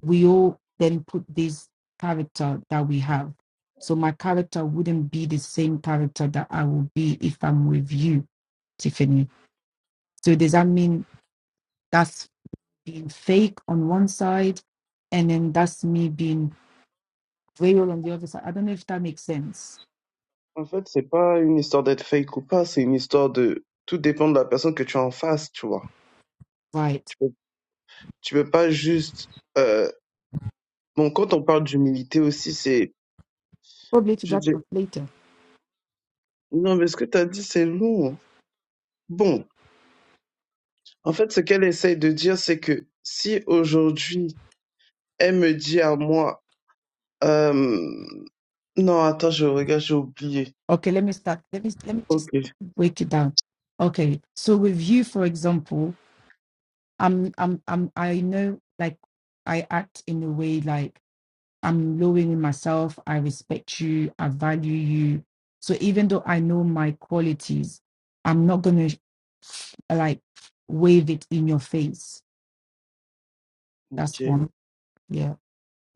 Speaker 2: we all then put this character that we have. So my character wouldn't be the same character that I will be if I'm with you, Tiffany. So does that mean that's being fake on one side and then that's me being real on the other side. I don't know if that makes sense.
Speaker 4: En fait, c'est pas une histoire d'être fake ou pas, c'est une histoire de tout dépend de la personne que tu as en face, tu vois.
Speaker 2: Right.
Speaker 4: Tu peux, tu peux pas juste. euh, Bon, quand on parle d'humilité aussi, c'est.
Speaker 2: Probably to
Speaker 4: je-
Speaker 2: that
Speaker 4: je-
Speaker 2: point later.
Speaker 4: Non, mais ce que tu as dit, c'est lourd. Bon, en fait, ce qu'elle essaye de dire, c'est que si aujourd'hui elle me dit à moi, euh... non, attends, je regarde, j'ai oublié.
Speaker 2: Okay, let me start. Let me let me
Speaker 4: Ok,
Speaker 2: just break it down. Okay. So with you, for example, I'm I'm I'm I know like I act in a way like I'm lowering myself, I respect you, I value you. So even though I know my qualities, I'm not gonna like wave it in your face. That's
Speaker 4: ok.
Speaker 2: one. Yeah.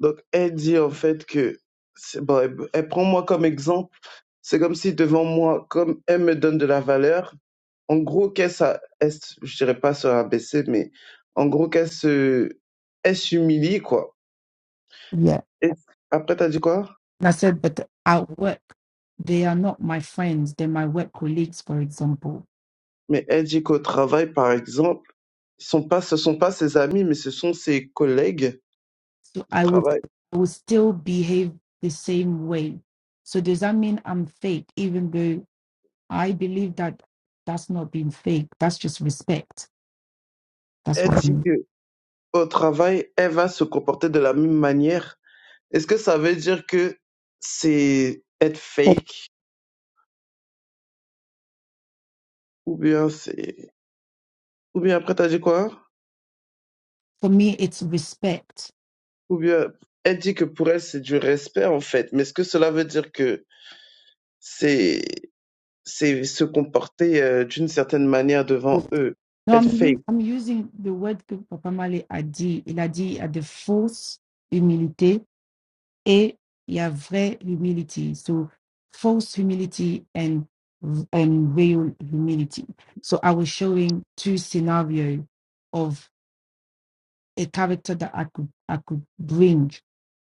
Speaker 4: Donc, elle dit en fait que, c'est bon, elle, elle prend moi comme exemple. C'est comme si devant moi, comme elle me donne de la valeur, en gros, qu'elle, s'a- elle se- je dirais pas se rabaisser, mais en gros, qu'elle se, elle s'humilie, quoi.
Speaker 2: Yeah.
Speaker 4: Et après, t'as dit quoi?
Speaker 2: And I said, but at work, they are not my friends. They're my work colleagues, for example.
Speaker 4: Mais elle dit qu'au travail, par exemple, ce sont pas, ce sont pas ses amis, mais ce sont ses collègues
Speaker 2: So
Speaker 4: de
Speaker 2: I would,
Speaker 4: travail.
Speaker 2: I would still behave the same way. So does that mean I'm fake, even though I believe that that's not being fake? That's just respect. That's
Speaker 4: Elle
Speaker 2: what I
Speaker 4: dit
Speaker 2: mean.
Speaker 4: que au travail, elle va se comporter de la même manière. Est-ce que ça veut dire que c'est être
Speaker 2: For
Speaker 4: fake Ou bien c'est, ou bien après t'as dit quoi?
Speaker 2: for me, it's respect.
Speaker 4: Ou bien elle dit que pour elle c'est du respect en fait. Mais est-ce que cela veut dire que c'est c'est se comporter euh, d'une certaine manière devant
Speaker 2: No,
Speaker 4: eux, être
Speaker 2: I'm u-
Speaker 4: fake?
Speaker 2: I'm using the word que Papa Male a dit. Il a dit à de fausses humilités et il y a vraie humility. So false humility and and real humility. So I was showing two scenarios of a character that I could I could bring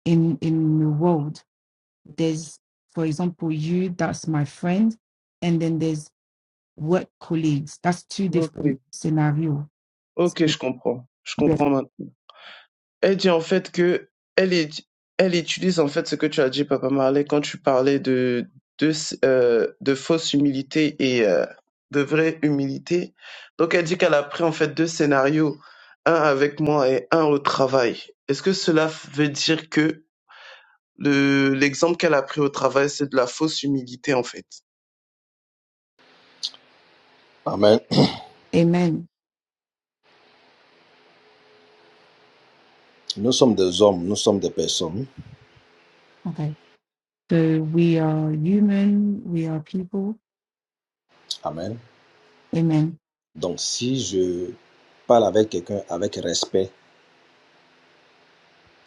Speaker 2: in in the world. There's for example you that's my friend, and then there's work colleagues. That's two
Speaker 4: Ok,
Speaker 2: different scenarios.
Speaker 4: ok,
Speaker 2: So,
Speaker 4: je comprends, je
Speaker 2: yes.
Speaker 4: comprends Elle dit en fait que elle est, elle utilise en fait ce que tu as dit, Papa Marley, quand tu parlais de de, euh, de fausse humilité et euh, de vraie humilité. Donc elle dit qu'elle a pris en fait deux scénarios, un avec moi et un au travail. Est-ce que cela veut dire que le l'exemple qu'elle a pris au travail, c'est de la fausse humilité en fait
Speaker 1: Amen.
Speaker 2: Amen.
Speaker 1: Nous sommes des hommes, nous sommes des personnes.
Speaker 2: Okay. So we are human. We are people.
Speaker 1: Amen.
Speaker 2: Amen.
Speaker 1: Donc si je parle avec quelqu'un avec respect,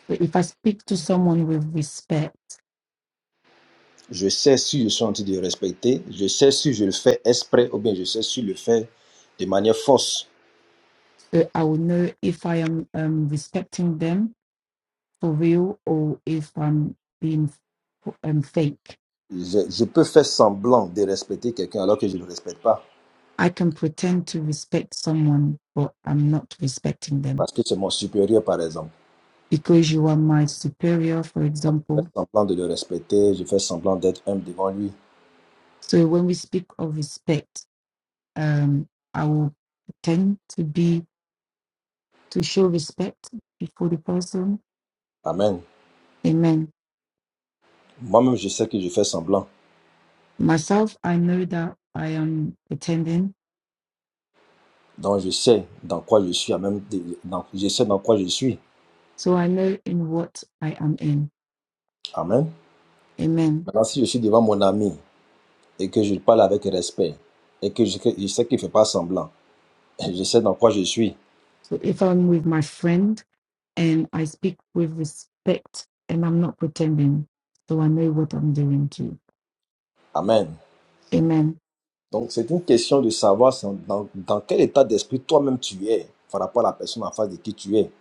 Speaker 2: So if I speak to someone with respect,
Speaker 1: Je sais si je suis en train de respecter, je sais si je le fais exprès ou bien je sais si je le fais de manière fausse.
Speaker 2: so I will know if I am um, respecting them for real or if I'm being um, fake.
Speaker 1: Je, je peux faire semblant de respecter quelqu'un alors que je ne le respecte pas,
Speaker 2: I can pretend to respect someone, but I'm not respecting them
Speaker 1: parce que c'est mon supérieur, par exemple.
Speaker 2: because you are my superior, for
Speaker 1: Moi, je
Speaker 2: example.
Speaker 1: fais semblant de le respecter, je fais semblant d'être humble devant lui.
Speaker 2: So when we speak of respect, um, I will pretend to be to show respect before the person.
Speaker 1: Amen.
Speaker 2: Amen.
Speaker 1: Moi-même, je sais que je fais semblant.
Speaker 2: Myself, I know that I am pretending
Speaker 1: Donc, je sais dans quoi je suis, Amen. même de- dans- je sais dans quoi je suis.
Speaker 2: So I know in what I am in.
Speaker 1: Amen.
Speaker 2: Amen.
Speaker 1: Maintenant, si je suis devant mon ami et que je parle avec respect et que je, je sais qu'il ne fait pas semblant, je sais dans quoi je suis.
Speaker 2: So if I'm with my friend and I speak with respect and I'm not pretending, so I know what I'm doing too.
Speaker 1: Amen.
Speaker 2: Amen.
Speaker 1: Donc, c'est une question de savoir sans- dans, dans quel état d'esprit toi-même tu es par rapport à la personne en face de qui tu es.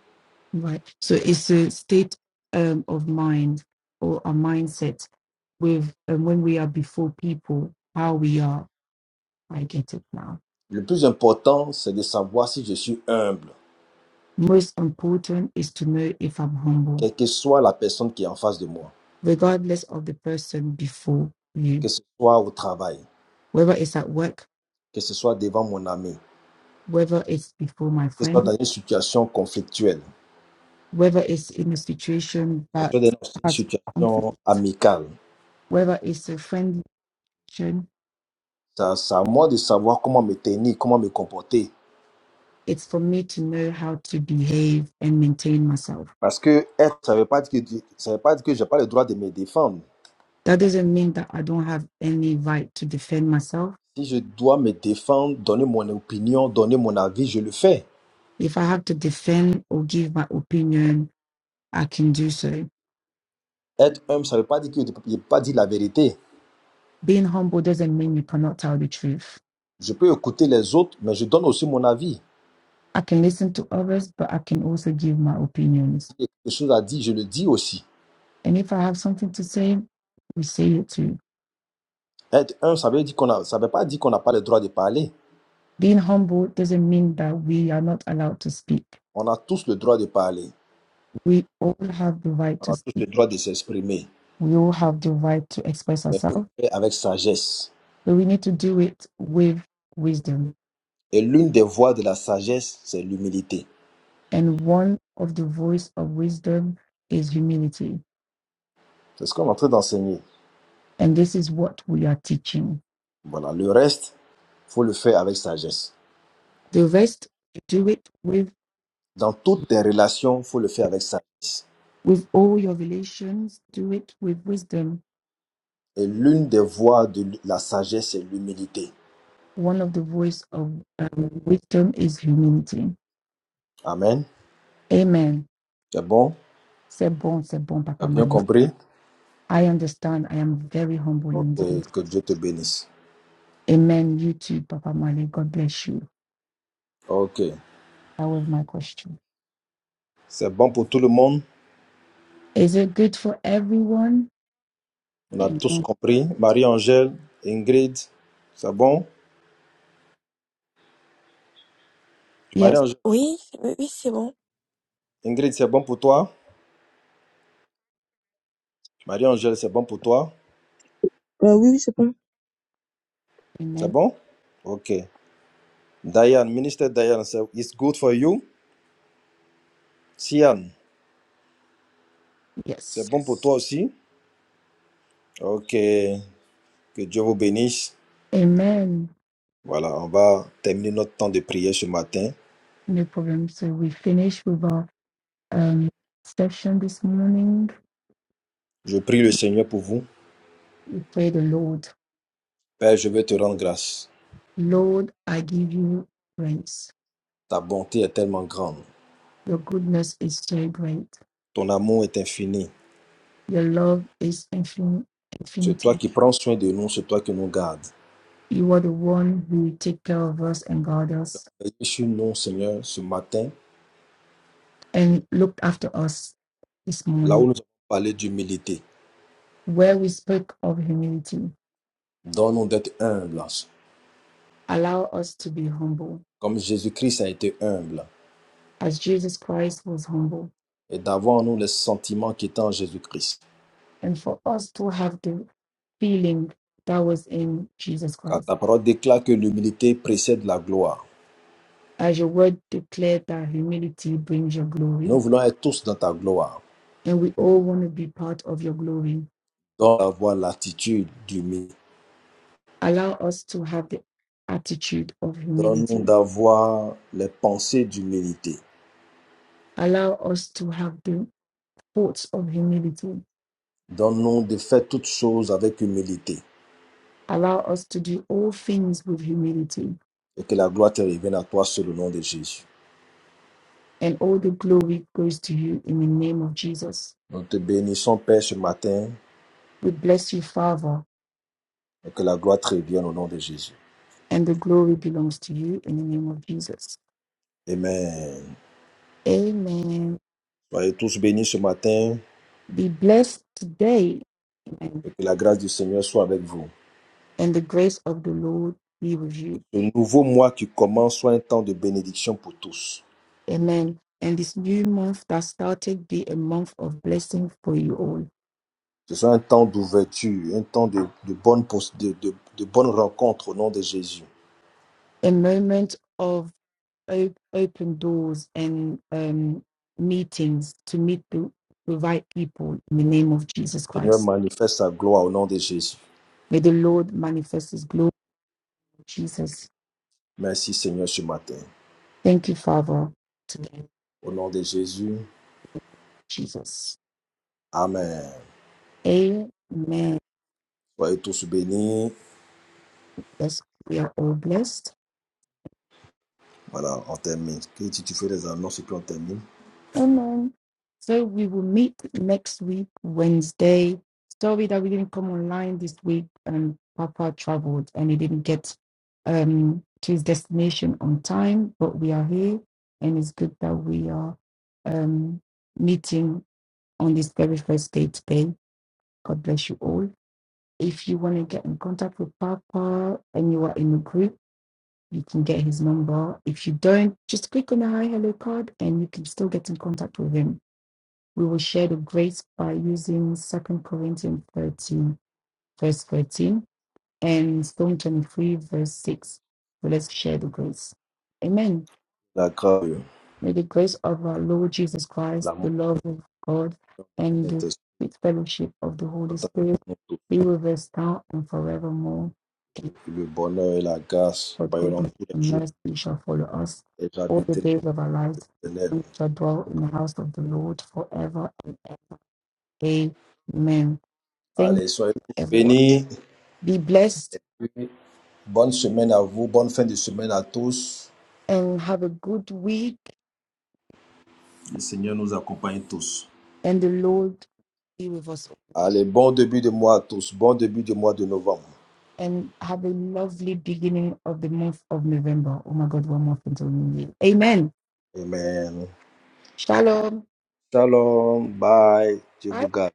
Speaker 2: Right. So it's a state um, of mind or a mindset with um, when we are before people, how we are. I get it now.
Speaker 1: Le plus important, c'est de savoir si je suis humble,
Speaker 2: Most important is to know if I'm humble,
Speaker 1: quelle que soit la personne qui est en face de moi,
Speaker 2: regardless of the person before you,
Speaker 1: que ce soit au travail,
Speaker 2: whether it's at work,
Speaker 1: que ce soit devant mon ami, que
Speaker 2: whether it's before my
Speaker 1: ce soit
Speaker 2: friend
Speaker 1: dans une situation conflictuelle,
Speaker 2: whether it's in a situation
Speaker 1: que ce
Speaker 2: that
Speaker 1: soit dans une
Speaker 2: has
Speaker 1: situation
Speaker 2: conflict,
Speaker 1: amicale.
Speaker 2: whether it's a friendly situation,
Speaker 1: Ça- C'est à moi de savoir comment me tenir, comment me comporter.
Speaker 2: it's for me to know how to behave and maintain myself.
Speaker 1: Parce que être, ça ne veut pas dire que, ça veut pas dire que je n'ai pas le droit de me défendre.
Speaker 2: That doesn't mean that I don't have any right to defend myself.
Speaker 1: Si je dois me défendre, donner mon opinion, donner mon avis, je le fais.
Speaker 2: If I have to defend or give my opinion, I can do so.
Speaker 1: Être humble, ça ne veut pas dire que je ne pas dit la vérité.
Speaker 2: Being humble doesn't mean you cannot tell the truth.
Speaker 1: Je peux écouter les autres, mais je donne aussi mon avis.
Speaker 2: I can listen to others, but I can also give my opinions.
Speaker 1: Si il y a quelque chose à dire, je le dis aussi.
Speaker 2: And if I have something to say, we say it too
Speaker 1: Être humble, ça veut dire qu'on a, ça veut pas dire qu'on n'a pas le droit de parler.
Speaker 2: Being humble doesn't mean that we are not allowed to speak.
Speaker 1: On a tous le droit de parler.
Speaker 2: We all have the right
Speaker 1: On
Speaker 2: to
Speaker 1: a tous le
Speaker 2: speak.
Speaker 1: droit de s'exprimer.
Speaker 2: We all have the right to express
Speaker 1: Mais il faut le
Speaker 2: ourselves,
Speaker 1: faire avec sagesse.
Speaker 2: but we need to do it with wisdom.
Speaker 1: Et l'une des voies de la sagesse, c'est l'humilité.
Speaker 2: And one of the voice of wisdom is humility.
Speaker 1: C'est ce qu'on est en train d'enseigner.
Speaker 2: And this is what we are teaching.
Speaker 1: Voilà. Le reste, il faut le faire avec sagesse.
Speaker 2: The rest, do it with
Speaker 1: Dans toutes tes relations, il faut le faire avec sagesse.
Speaker 2: with all your relations. Do it with wisdom.
Speaker 1: Et l'une des voies de la sagesse est l'humilité.
Speaker 2: One of the voice of um, wisdom is humility.
Speaker 1: Amen.
Speaker 2: Amen.
Speaker 1: C'est bon?
Speaker 2: C'est bon, c'est bon,
Speaker 1: Tu
Speaker 2: Papa
Speaker 1: as bien
Speaker 2: Mama.
Speaker 1: compris?
Speaker 2: I understand. I am very humble
Speaker 1: Ok,
Speaker 2: indeed.
Speaker 1: que Dieu te bénisse.
Speaker 2: Amen. You too, Papa Mali. God bless you.
Speaker 1: Ok,
Speaker 2: That was my question.
Speaker 1: c'est bon pour tout le monde.
Speaker 2: Is it good for everyone?
Speaker 1: On a tous
Speaker 2: Amen.
Speaker 1: compris. Marie-Angèle, Ingrid, c'est bon?
Speaker 2: Yes.
Speaker 1: Marie-Angèle,
Speaker 5: Oui, oui, oui, c'est bon.
Speaker 1: Ingrid, c'est bon pour toi? Marie-Angèle, c'est bon pour toi?
Speaker 3: Heu, oui, oui, c'est bon.
Speaker 1: C'est
Speaker 2: Amen.
Speaker 1: bon? Ok. Diane, ministère Diane, c'est- it's good for you. Sian, c'est
Speaker 2: Yes.
Speaker 1: bon pour toi aussi? Ok, que Dieu vous bénisse.
Speaker 2: Amen.
Speaker 1: Voilà, on va terminer notre temps de prière ce matin.
Speaker 2: No problem. So we finished with our um, session this morning.
Speaker 1: Je prie le Seigneur pour vous.
Speaker 2: We pray the Lord.
Speaker 1: Père, je veux te rendre grâce.
Speaker 2: Lord, I give you praise.
Speaker 1: Ta bonté est tellement grande.
Speaker 2: Your goodness is so great.
Speaker 1: Ton amour est infini.
Speaker 2: Your love is infin-
Speaker 1: C'est toi
Speaker 2: infinity.
Speaker 1: qui prends soin de nous, c'est toi qui nous gardes.
Speaker 2: You are the one who take care of us and guard us.
Speaker 1: Veille sur nous, Seigneur, ce matin,
Speaker 2: and looked after us this
Speaker 1: là où
Speaker 2: morning,
Speaker 1: nous avons parlé d'humilité.
Speaker 2: where we spoke of humility.
Speaker 1: Donne-nous d'être humbles,
Speaker 2: Allow us to be humble,
Speaker 1: comme Jésus-Christ a été humble,
Speaker 2: as Jesus Christ was humble,
Speaker 1: et d'avoir en nous les sentiments qui est en Jésus-Christ.
Speaker 2: and for us to have the feeling that was in Jesus
Speaker 1: Car
Speaker 2: Christ.
Speaker 1: ta parole déclare que l'humilité précède la gloire.
Speaker 2: As your word declared that humility brings your glory,
Speaker 1: Nous voulons être tous dans ta gloire.
Speaker 2: and we all want to be part of your glory.
Speaker 1: Donne-nous d'avoir l'attitude d'humilité.
Speaker 2: Allow us to have the attitude of
Speaker 1: Donne-nous
Speaker 2: humility.
Speaker 1: d'avoir les pensées d'humilité.
Speaker 2: Allow us to have the thoughts of humility.
Speaker 1: Donne-nous de faire toutes choses avec humilité
Speaker 2: Allow us to do all things with humility
Speaker 1: et que la gloire te revienne à toi sur le nom de Jésus.
Speaker 2: and all the glory goes to you in the name of Jesus.
Speaker 1: Nous te bénissons, Père, ce matin
Speaker 2: We bless you, Father,
Speaker 1: et que la gloire te revienne au nom de Jésus.
Speaker 2: and the glory belongs to you in the name of Jesus.
Speaker 1: Amen.
Speaker 2: Amen.
Speaker 1: Soyez tous bénis ce matin
Speaker 2: Be blessed today, amen.
Speaker 1: et que la grâce du Seigneur soit avec vous.
Speaker 2: and the grace of the Lord be with you.
Speaker 1: Ce nouveau mois qui commence soit un temps de bénédiction pour tous.
Speaker 2: Amen. And this new month that started be a month of blessing for you all,
Speaker 1: Ce soit un temps d'ouverture, un temps de, de bonnes de, de- de bonnes rencontres au nom de Jésus.
Speaker 2: a moment of op- open doors and um, meetings to meet the, the right people in the name of Jesus
Speaker 1: Le Seigneur,
Speaker 2: Christ.
Speaker 1: manifeste sa gloire au nom de Jésus.
Speaker 2: May the Lord manifest His glory Jesus.
Speaker 1: Merci Seigneur ce matin.
Speaker 2: Thank you, Father, today,
Speaker 1: Au nom de Jésus.
Speaker 2: Jesus.
Speaker 1: Amen.
Speaker 2: Amen.
Speaker 1: Soyez tous bénis.
Speaker 2: Yes, we are all blessed.
Speaker 1: Voilà, on termine. Et si tu fais les annonces, et puis on termine.
Speaker 2: Amen. So we will meet next week, Wednesday. Sorry that we didn't come online this week and Papa traveled and he didn't get um, to his destination on time, but we are here and it's good that we are um, meeting on this very first day today. God bless you all. If you want to get in contact with Papa and you are in a group, you can get his number. If you don't, just click on the Hi Hello card and you can still get in contact with him. We will share the grace by using Second Corinthians 13, verse 13, and Psalm 23, verse 6. So let's share the grace. Amen.
Speaker 1: La grâce,
Speaker 2: May the grace of our Lord Jesus Christ,
Speaker 1: l'amour
Speaker 2: the love of God, and the
Speaker 1: Saint-Esprit
Speaker 2: sweet fellowship of the Holy Spirit be with us now and forevermore.
Speaker 1: Le bonheur et la grâce
Speaker 2: But
Speaker 1: soyons
Speaker 2: goodness
Speaker 1: tous les
Speaker 2: and
Speaker 1: jours
Speaker 2: mercy shall follow us
Speaker 1: et
Speaker 2: all the
Speaker 1: j'habiterai
Speaker 2: days of our lives,
Speaker 1: l'éternel.
Speaker 2: and we shall dwell in the house of the Lord forever. Amen. Thank you,
Speaker 1: Allez, soyez tous
Speaker 2: everyone.
Speaker 1: bénis.
Speaker 2: Be blessed
Speaker 1: Bonne semaine à vous. Bonne fin de semaine à tous.
Speaker 2: and have a good week,
Speaker 1: Le Seigneur nous accompagne tous.
Speaker 2: and the Lord be with us. all.
Speaker 1: Allez, bon début de mois à tous. Bon début de mois de novembre.
Speaker 2: And have a lovely beginning of the month of November. Oh my God, one month until New Year. Amen.
Speaker 1: Amen.
Speaker 2: Shalom.
Speaker 1: Shalom. Bye. Je
Speaker 2: Bye.
Speaker 1: vous garde.